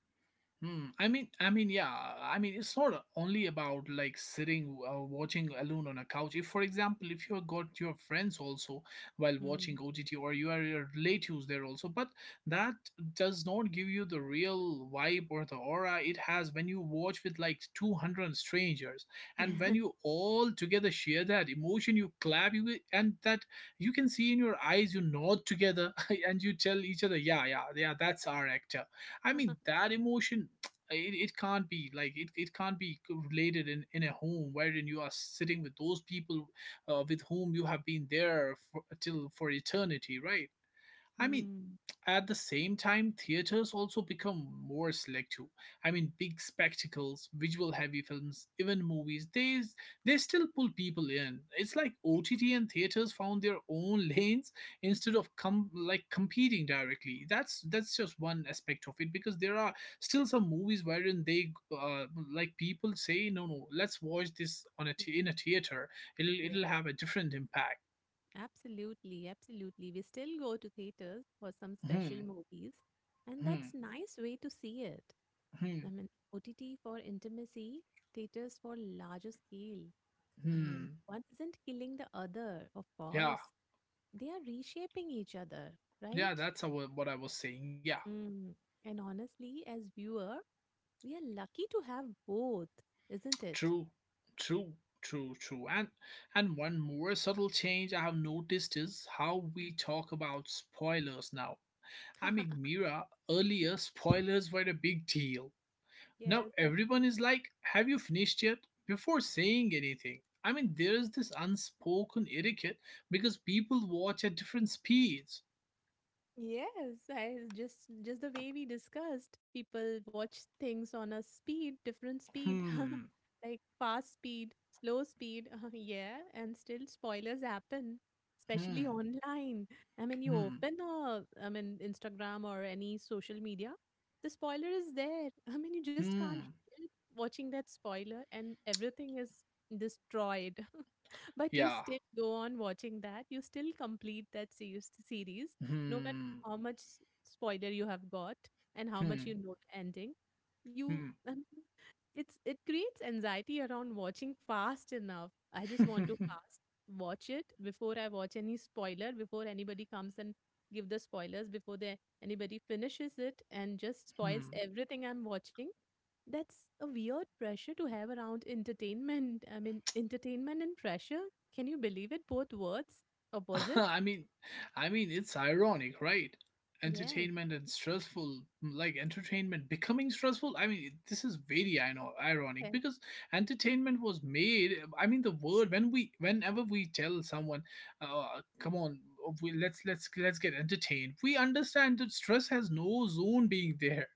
Hmm. I mean, I mean, yeah. I mean, it's not only about like sitting uh, watching alone on a couch. If, for example, if you have got your friends also while
Mm.
watching O T T, or you are your relatives there also, but that does not give you the real vibe or the aura it has when you watch with like two hundred strangers, and when you all together share that emotion, you clap, you and that you can see in your eyes, you nod together, and you tell each other, yeah, yeah, yeah, that's our actor. I mean, that emotion it, it can't be like it, it can't be related in, in a home wherein you are sitting with those people uh, with whom you have been there for, till for eternity, right? I mean,
Mm.
at the same time, theaters also become more selective. I mean, big spectacles, visual heavy films, even movies, they, they still pull people in. It's like
Yes.
O T T and theaters found their own lanes instead
Mm.
of com- like competing directly. That's that's just one aspect of it because there are still some movies wherein they uh, like people say, no no let's watch this on a t- in a theater. It'll
Yeah,
it'll have a different impact.
absolutely. Absolutely. We still go to theaters for some special
Hmm,
movies, and that's
hmm,
nice way to see it.
hmm,
I mean, O T T for intimacy, theaters for larger scale. I mean,
hmm.
one isn't killing the other, of
Yeah.
course. They are reshaping each other,
Yeah,
right?
that's how- what I was saying. Yeah,
Mm. And honestly, as viewer, we are lucky to have both, isn't it?
true, true, true, true. And and one more subtle change I have noticed is how we talk about spoilers now. I mean, Mira, earlier spoilers were a big deal. Now
Yes, absolutely.
everyone is like, "Have you finished yet?" before saying anything. I mean, there is this unspoken etiquette because people watch at different speeds.
Yes, I just just the way we discussed, people watch things on a speed, different speed,
Hmm,
like fast speed, slow speed. Yeah, and still spoilers happen, especially
hmm,
online. I mean, you
hmm,
open a, I mean, Instagram or any social media, the spoiler is there. I mean, you just can't
hmm.
help watching that spoiler, and everything is destroyed. But you
Yeah.
still go on watching that. You still complete that series, series no matter
Hmm.
how much s- spoiler you have got and how much you
Hmm.
know the ending. You, I mean, it's it creates anxiety around watching fast enough. I just want to
Hmm.
fast watch it before I watch any spoiler, before anybody comes and give the spoilers, before they anybody finishes it and just spoils
Hmm.
everything I'm watching. That's a weird pressure to have around entertainment. I mean, entertainment and pressure. Can you believe it? Both words, opposites.
I mean, I mean, it's ironic, right?
Yes.
Entertainment and stressful, like entertainment becoming stressful. I mean, this is very I know ironic
Yes.
because entertainment was made. uh, I mean, the word when we, whenever we tell someone, uh, "Come on, we, let's let's let's get entertained," we understand that stress has no zone being there.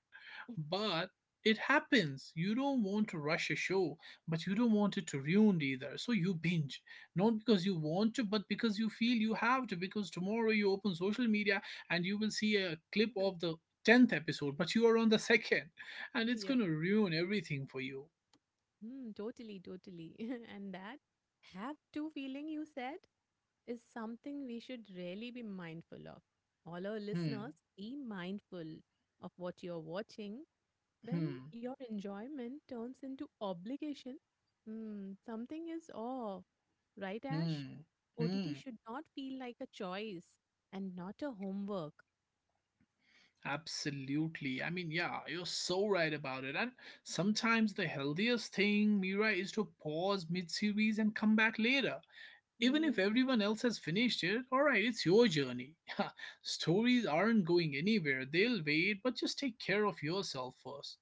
But it happens. You don't want to rush a show, but you don't want it to ruined either. So you binge, not because you want to, but because you feel you have to. Because tomorrow you open social media and you will see a clip of the tenth episode, but you are on the second, and it's
Yeah.
gonna ruin everything for you.
Hmm, totally, totally. And that have to feeling you said is something we should really be mindful of. All our
Hmm.
listeners, be mindful of what you're watching. When
Hmm.
your enjoyment turns into obligation, hmm, something is off, right, Ash?
Hmm.
O T T
Hmm.
should not feel like a choice and not a homework.
Absolutely. I mean, yeah, you're so right about it. And sometimes the healthiest thing, Mira, is to pause mid series and come back later. Even if
Hmm.
everyone else has finished it, alright, it's your journey. Stories aren't going anywhere, they'll wait, but just take care of yourself first.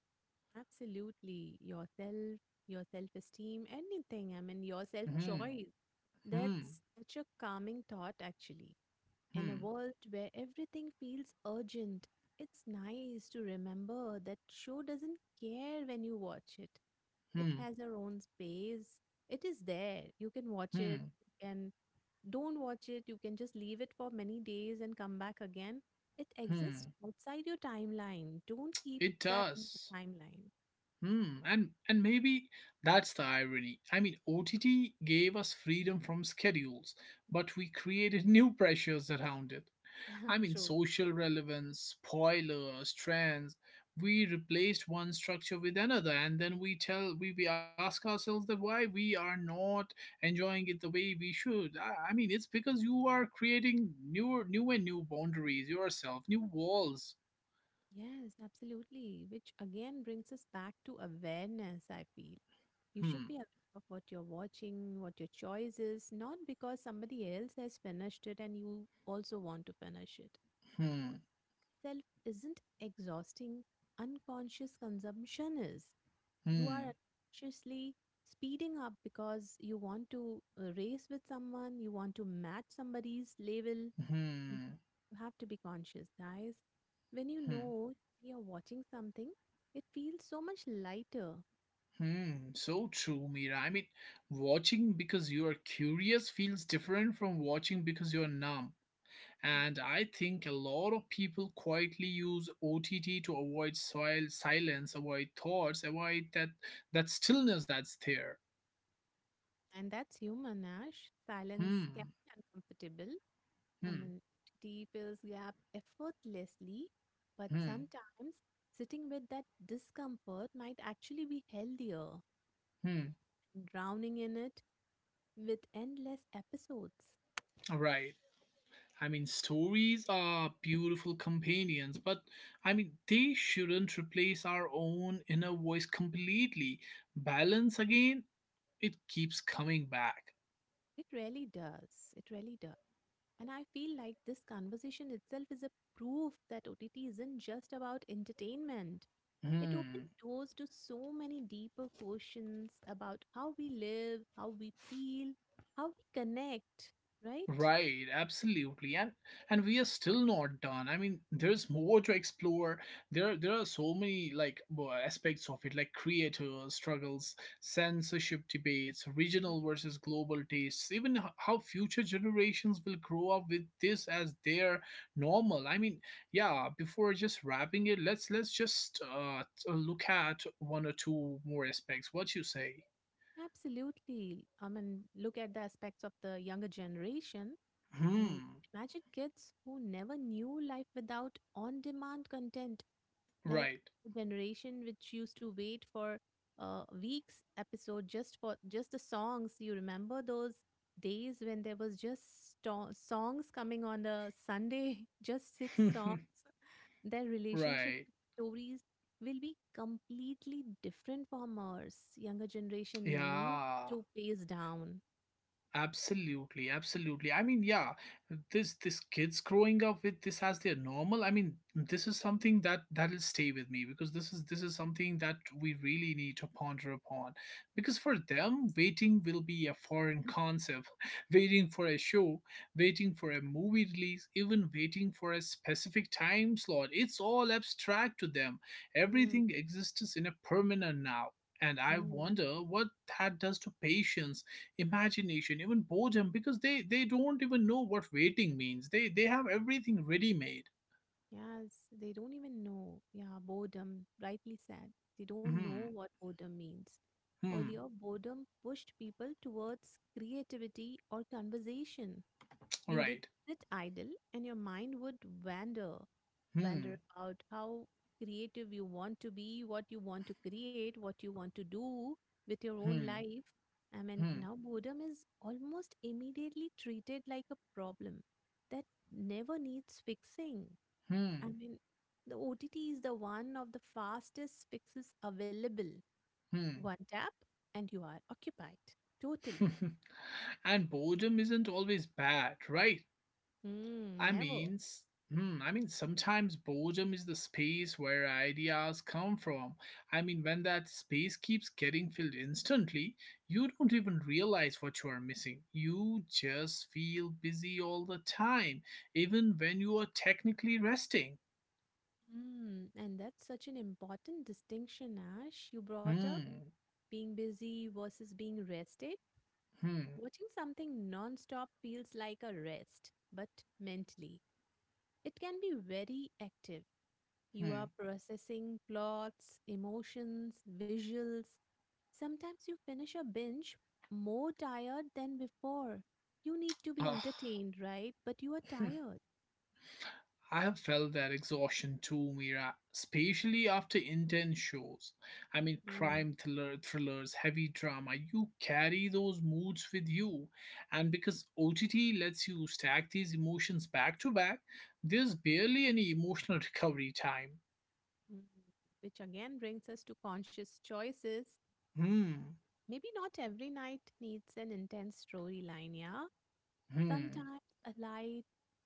Absolutely. Yourself, your self esteem, anything. I mean, your self
Hmm,
choice.
hmm,
That's such a calming thought, actually. In a
hmm,
world where everything feels urgent, it's nice to remember that show doesn't care when you watch it. It
hmm,
has her own space. It is there. You can watch it.
hmm,
You can don't watch it. You can just leave it for many days and come back again. It exists
hmm.
outside your timeline. Don't keep
It
that in the
does.
timeline.
Hmm, and and maybe that's the irony. I mean, O T T gave us freedom from schedules, but we created new pressures around it. I mean,
True.
social relevance, spoilers, trends. We replaced one structure with another, and then we tell we, we ask ourselves that why we are not enjoying it the way we should. I, I mean, it's because you are creating new, new and new boundaries yourself, new walls.
Yes, absolutely. Which again brings us back to awareness, I feel. You should
Hmm,
be aware of what you're watching, what your choice is, not because somebody else has finished it and you also want to finish it. Good
hmm,
self isn't exhausting, unconscious consumption is. You
hmm,
are unconsciously speeding up because you want to uh, race with someone, you want to match somebody's level.
hmm,
You have to be conscious, guys. When you
hmm.
know you're watching something, it feels so much lighter.
Hmm, so true, Mira. I mean, watching because you are curious feels different from watching because you're numb.
Mm.
And I think a lot of people quietly use O T T to avoid soil silence, avoid thoughts, avoid that that stillness that's there.
And that's human, Ash. Silence
Hmm,
can be uncomfortable. I
hmm,
mean, tea fills gap effortlessly, but
hmm,
sometimes sitting with that discomfort might actually be healthier
hmm.
than drowning in it with endless episodes.
Right. I mean, stories are beautiful companions, but I mean, they shouldn't replace our own inner voice completely. Balance again, it keeps coming back.
It really does. It really does. And I feel like this conversation itself is a proof that O T T isn't just about entertainment. It opened
Hmm.
doors to so many deeper questions about how we live, how we feel, how we connect, right?
Right, absolutely. And and we are still not done. I mean, there's more to explore. There there are so many like w- aspects of it, like creators, struggles, censorship debates,
Mm.
regional versus global tastes, even h- how future generations will grow up with this as their normal. I mean, yeah, before just wrapping it, let's let's just uh t- look at one or two more aspects. What you say?
Absolutely. I mean, look at the aspects of the younger generation. I mean,
Hmm.
imagine kids who never knew life without on demand content like
Right.
a generation which used to wait for uh, weeks episode just for just the songs you remember those days when there was just sto- songs coming on the sunday just six songs their relationship
right.
with stories will be completely different from ours younger generation needs
Yeah.
to pace down.
Absolutely, absolutely. I mean, yeah, this this kids growing up with this as their normal. I mean, this is something that that'll stay with me because this is this is something that we really need to ponder upon. Because for them, waiting will be a foreign concept. Waiting for a show, waiting for a movie release, even waiting for a specific time slot. It's all abstract to them.
Mm,
Everything exists in a permanent now. And I
mm.
wonder what that does to patience, imagination, even boredom, because they they don't even know what waiting means. They they have everything ready made.
Yes, they don't even know. Yeah, boredom, rightly said. They don't know
Hmm,
what boredom means.
hmm,
Earlier, boredom pushed people towards creativity or conversation. You did
right,
sit idle and your mind would wander, wander
hmm,
about how creative you want to be, what you want to create, what you want to do with your own
hmm,
life. I mean,
hmm,
now boredom is almost immediately treated like a problem that never needs fixing. I
hmm,
mean, the O T T is the one of the fastest fixes available.
hmm.
One tap and you are occupied. Totally.
and boredom isn't always bad, right?
Mm,
I
never.
means, hmm, I mean, sometimes boredom is the space where ideas come from. I mean, when that space keeps getting filled instantly, you don't even realize what you are missing. You just feel busy all the time, even when you are technically resting.
Mm, and that's such an important distinction, Ash, you brought up
Hmm,
being busy versus being rested.
hmm,
Watching something non-stop feels like a rest, but mentally, it can be very active. You are
hmm.
processing plots, emotions, visuals. Sometimes you finish a binge more tired than before. You need to be
Ugh.
entertained, right? But you are tired.
I have felt that exhaustion too, Mira, especially after intense shows. I mean,
Mm,
crime thriller, thrillers, heavy drama, you carry those moods with you. And because O T T lets you stack these emotions back to back, there's barely any emotional recovery time.
mm. Which again brings us to conscious choices.
Hmm,
Maybe not every night needs an intense storyline, yeah?
hmm,
Sometimes a light,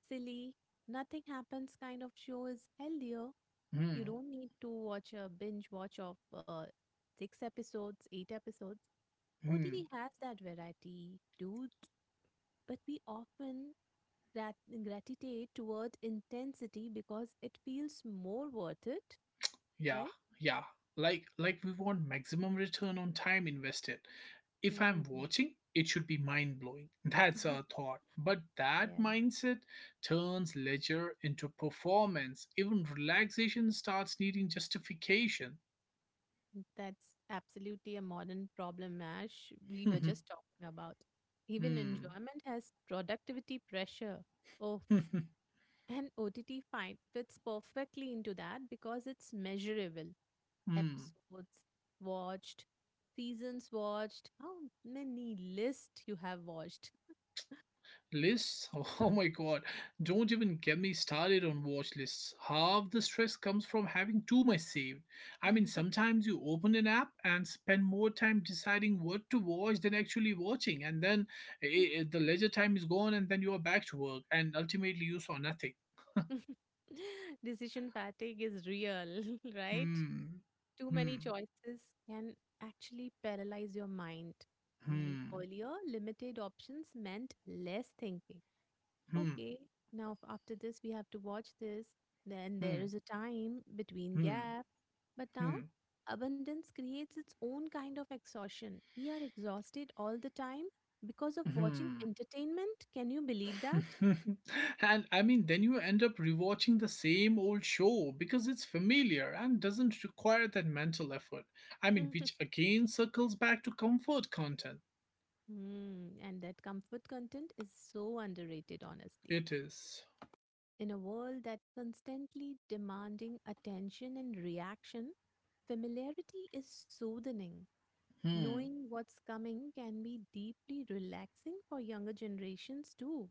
silly, nothing happens kind of show is healthier. You
hmm,
don't need to watch a binge watch of uh, six episodes, eight episodes. O T T
hmm.
has that variety, dudes, but we often grat- gravitate toward intensity because it feels more worth it,
Yeah,
right?
yeah. Like, like we want maximum return on time invested, if I'm
Mm.
watching, it should be mind blowing. That's a thought. But that
Yeah.
mindset turns leisure into performance. Even relaxation starts needing justification.
That's absolutely a modern problem, Ash. We were just talking about. Even
Hmm.
enjoyment has productivity pressure. Oh, f- and O T T fight fits perfectly into that because it's measurable.
Hmm.
Episodes watched, seasons watched, how many lists you have watched.
Lists? Oh my god. Don't even get me started on watch lists. Half the stress comes from having too much saved. I mean, sometimes you open an app and spend more time deciding what to watch than actually watching, and then eh, eh, the leisure time is gone, and then you are back to work, and ultimately you saw nothing.
Decision fatigue is real, right?
Hmm.
Too many
Hmm.
choices can actually paralyze your mind. I mean,
Hmm.
earlier, limited options meant less thinking.
Hmm.
Okay, now f- after this, we have to watch this. Then there
Hmm.
is a time between
Hmm. Hmm.
gap. But now,
Hmm.
abundance creates its own kind of exhaustion. We are exhausted all the time because of watching
Hmm.
entertainment. Can you believe that?
and I mean, then you end up rewatching the same old show because it's familiar and doesn't require that mental effort. I mean, which again circles back to comfort content.
Hmm, and that comfort content is so underrated, honestly.
It is.
In a world that's constantly demanding attention and reaction, familiarity is soothing.
Hmm.
Knowing what's coming can be deeply relaxing for younger generations too.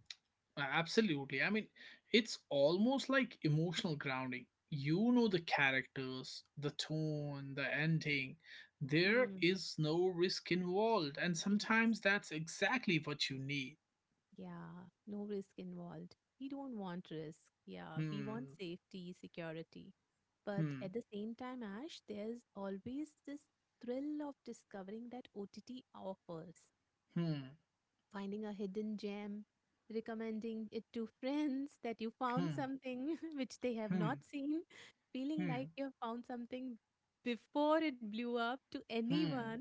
Absolutely. I mean, it's almost like emotional grounding. You know the characters, the tone, the ending. There
Mm.
is no risk involved, and
Yeah,
sometimes that's exactly what you need.
yeah, no risk involved. We don't want risk. Yeah, we want
Hmm.
safety, security. But at
Hmm.
the same time, Ash, there's always this thrill of discovering that O T T offers.
Hmm.
Finding a hidden gem, recommending it to friends that you found
Hmm.
something which they have
Hmm.
not seen, feeling
Hmm.
like you have found something before it blew up to
Hmm.
anyone.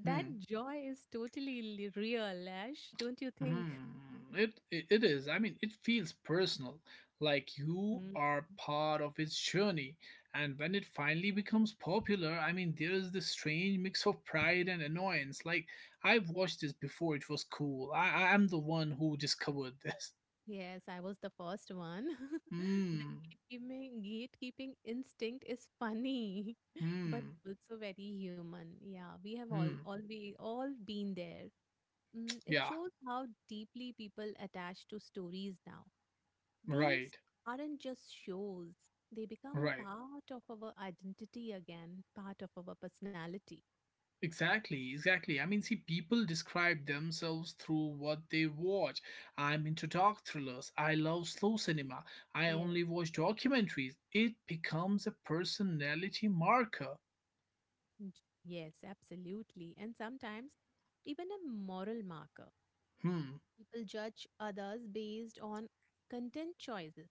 That
Hmm.
joy is totally l- real, Ash, don't you think?
Hmm. It, it it is. I mean, it feels personal, like you
Mm.
are part of its journey. And when it finally becomes popular, I mean, there is this strange mix of pride and annoyance. Like I've watched this before; it was cool. I I- I'm the one who discovered this.
Yes, I was the first one.
Hmm.
The gatekeeping, gatekeeping instinct is funny, but
Hmm.
also very human. Yeah, we have
Hmm.
all all we all been there. Mm, it
Yeah.
shows how deeply people attach to stories now. These
Right.
aren't just shows, they become
Right.
part of our identity again, part of our personality.
Exactly, exactly. I mean, see, people describe themselves through what they watch. I'm into dark thrillers. I love slow cinema. I
Yes,
only watch documentaries. It becomes a personality marker.
n- yes, absolutely. And sometimes even a moral marker.
Hmm,
People judge others based on content choices,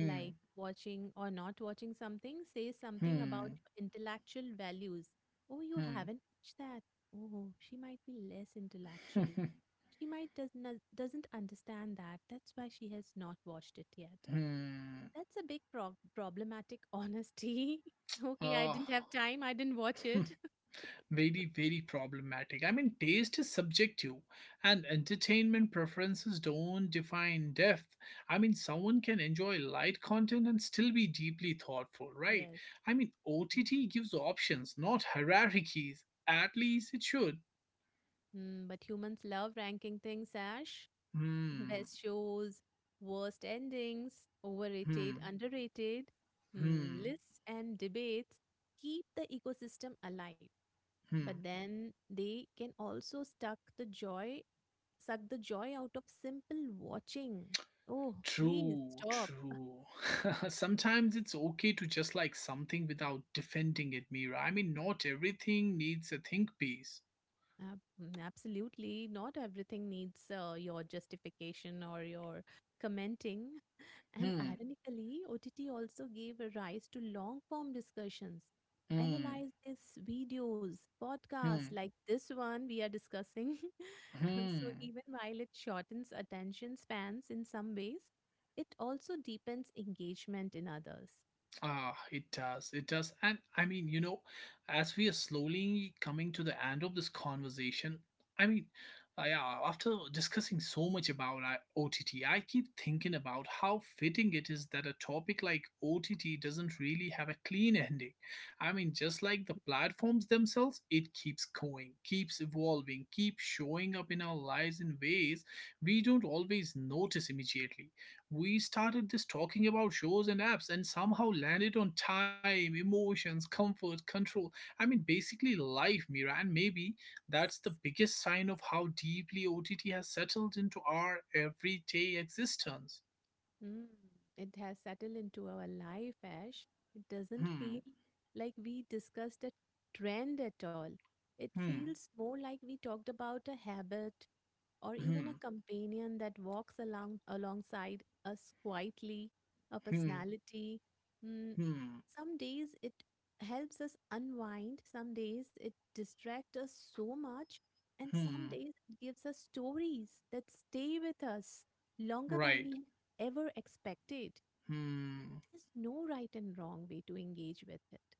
like watching or not watching something says something about
hmm,
your intellectual values. Oh, you
hmm,
haven't watched that. Oh, she might be less intellectual.
hmm,
She might does not, doesn't understand that. That's why she has not watched it yet.
hmm.
That's a big pro- problematic honesty. Okay, I
Oh.
didn't have time. I didn't watch it.
Very, very problematic. I mean, taste is subjective, and entertainment preferences don't define depth. I mean, someone can enjoy light content and still be deeply thoughtful, right?
Yes.
I mean, O T T gives options, not hierarchies. At least it should.
Mm, but humans love ranking things, Ash.
Hmm,
Best shows, worst endings, overrated,
hmm,
underrated, hmm,
hmm,
lists, and debates keep the ecosystem alive. But
hmm.
then they can also suck the joy, suck the joy out of simple watching. Oh, please
True,
stop.
true. Sometimes it's okay to just like something without defending it, Mira. I mean, not everything needs a think piece.
Ab- mm, absolutely, not everything needs uh, your justification or your commenting. And
Hmm.
ironically, O T T also gave a rise to long form discussions.
Hmm.
Analyze these videos, podcasts
Hmm.
like this one we are discussing. And so,
Hmm.
even while it shortens attention spans in some ways, it also deepens engagement in others.
Ah, it does. It does. And I mean, you know, as we are slowly coming to the end of this conversation, I mean, uh, yeah, after discussing so much about uh, O T T, I keep thinking about how fitting it is that a topic like O T T doesn't really have a clean ending. I mean, just like the platforms themselves, it keeps going, keeps evolving, keeps showing up in our lives in ways we don't always notice immediately. We started just talking about shows and apps and somehow landed on time, emotions, comfort, control. I mean, basically life, Mira. And maybe that's the biggest sign of how deeply O T T has settled into our everyday existence.
Mm, it has settled into our life, Ash. It doesn't
Hmm,
feel like we discussed a trend at all. It
hmm,
feels more like we talked about a habit or even a
hmm,
companion that walks along alongside us quietly, a
hmm,
personality. Mm,
hmm,
some days it helps us unwind, some days it distracts us so much, and some
hmm.
days it gives us stories that stay with us longer than
Right.
we ever expected.
Hmm,
There's no right and wrong way to engage with it.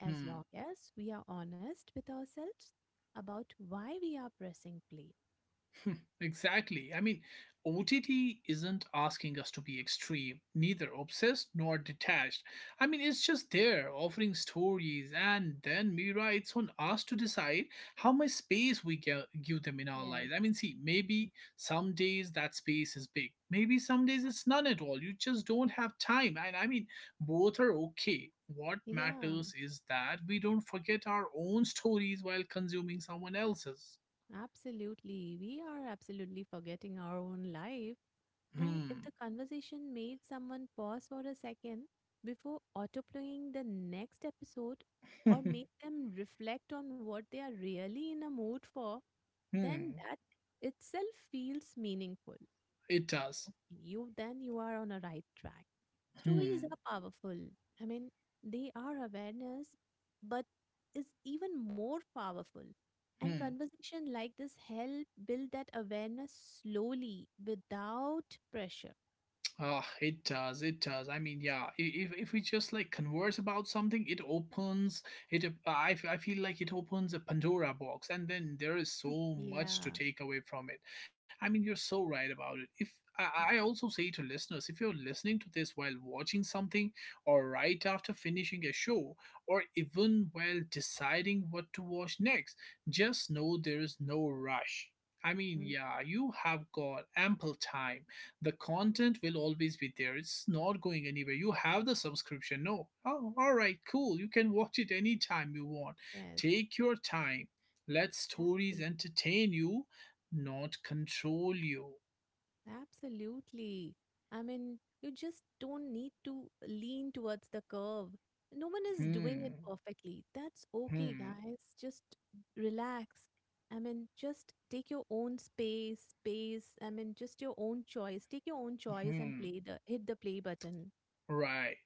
As
hmm.
long as we are honest with ourselves about why we are pressing play.
Hmm, exactly. I mean, O T T isn't asking us to be extreme, neither obsessed nor detached. I mean, it's just there offering stories, and then Mira, it's on us to decide how much space we gi- give them in our lives. I
Yes.
mean, see, maybe some days that space is big, maybe some days it's none at all. You just don't have time, and I mean, both are okay. What
Yeah,
matters is that we don't forget our own stories while consuming someone else's.
absolutely. We are absolutely forgetting our own life. And if the
Hmm.
conversation made someone pause for a second before autoplaying the next episode or make them reflect on what they are really in a mood for, then
Hmm.
that itself feels meaningful.
It does.
Okay, you then you are on a right track. Stories
Hmm.
are powerful. I mean, they are awareness, but is even more powerful. And
Hmm.
conversation like this help build that awareness slowly without pressure.
Ah, it does. It does. I mean, yeah. i- If if we just like converse about something, it opens it. up- I f- I feel like it opens a Pandora box, and then there is so much to
Yeah,
take away from it. I mean, you're so right about it. If I I
yeah,
also say to listeners, if you're listening to this while watching something, or right after finishing a show, or even while deciding what to watch next, just know there is no rush. I mean,
mm,
yeah, you have got ample time, the content will always be there, it's not going anywhere, you have the subscription, no, oh, all right, cool, you can watch it anytime you want,
yes,
take your time, let stories
absolutely.
entertain you, not control you.
Absolutely. I mean, you just don't need to lean towards the curve. No one is doing
Hmm,
it perfectly. That's okay,
hmm,
guys. Just relax. I mean, just take your own space, pace. I mean, just your own choice. Take your own choice and
hmm,
play the hit the play button.
right.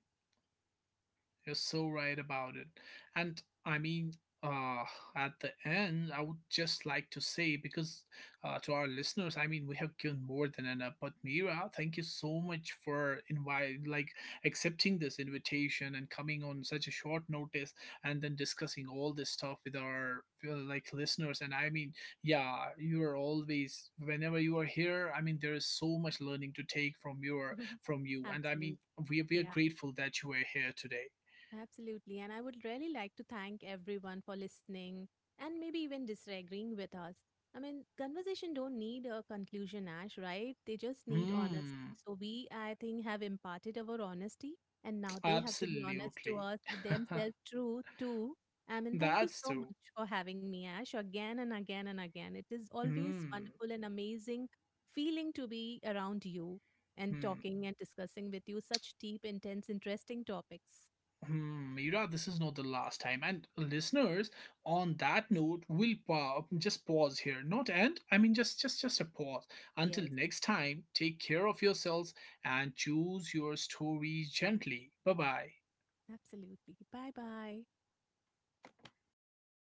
You're so right about it. And I mean, uh, at the end, I would just like to say, because uh, to our listeners, I mean, we have given more than enough. But Mira, thank you so much for invite, like accepting this invitation and coming on such a short notice, and then discussing all this stuff with our uh, like listeners. And I mean, yeah, you are always whenever you are here. I mean, there is so much learning to take from your from you, and I
Absolutely.
mean, we we are
Yeah.
grateful that you were here today.
Absolutely. And I would really like to thank everyone for listening and maybe even disagreeing with us. I mean, conversation don't need a conclusion, Ash, right? They just need honesty.
Hmm,
So we, I think, have imparted our honesty and now they have to be honest to
absolutely.
us, themselves true too. I mean, thank you
That's
so
true.
much for having me, Ash, again and again and again. It is always
Hmm,
wonderful and amazing feeling to be around you and
hmm,
talking and discussing with you such deep, intense, interesting topics.
hmm. Mira, this is not the last time. And listeners, on that note, we'll pa- just pause here. Not end. I mean, just, just, just a pause. Until
Yes,
next time, take care of yourselves and choose your stories gently. Bye bye.
absolutely. Bye bye.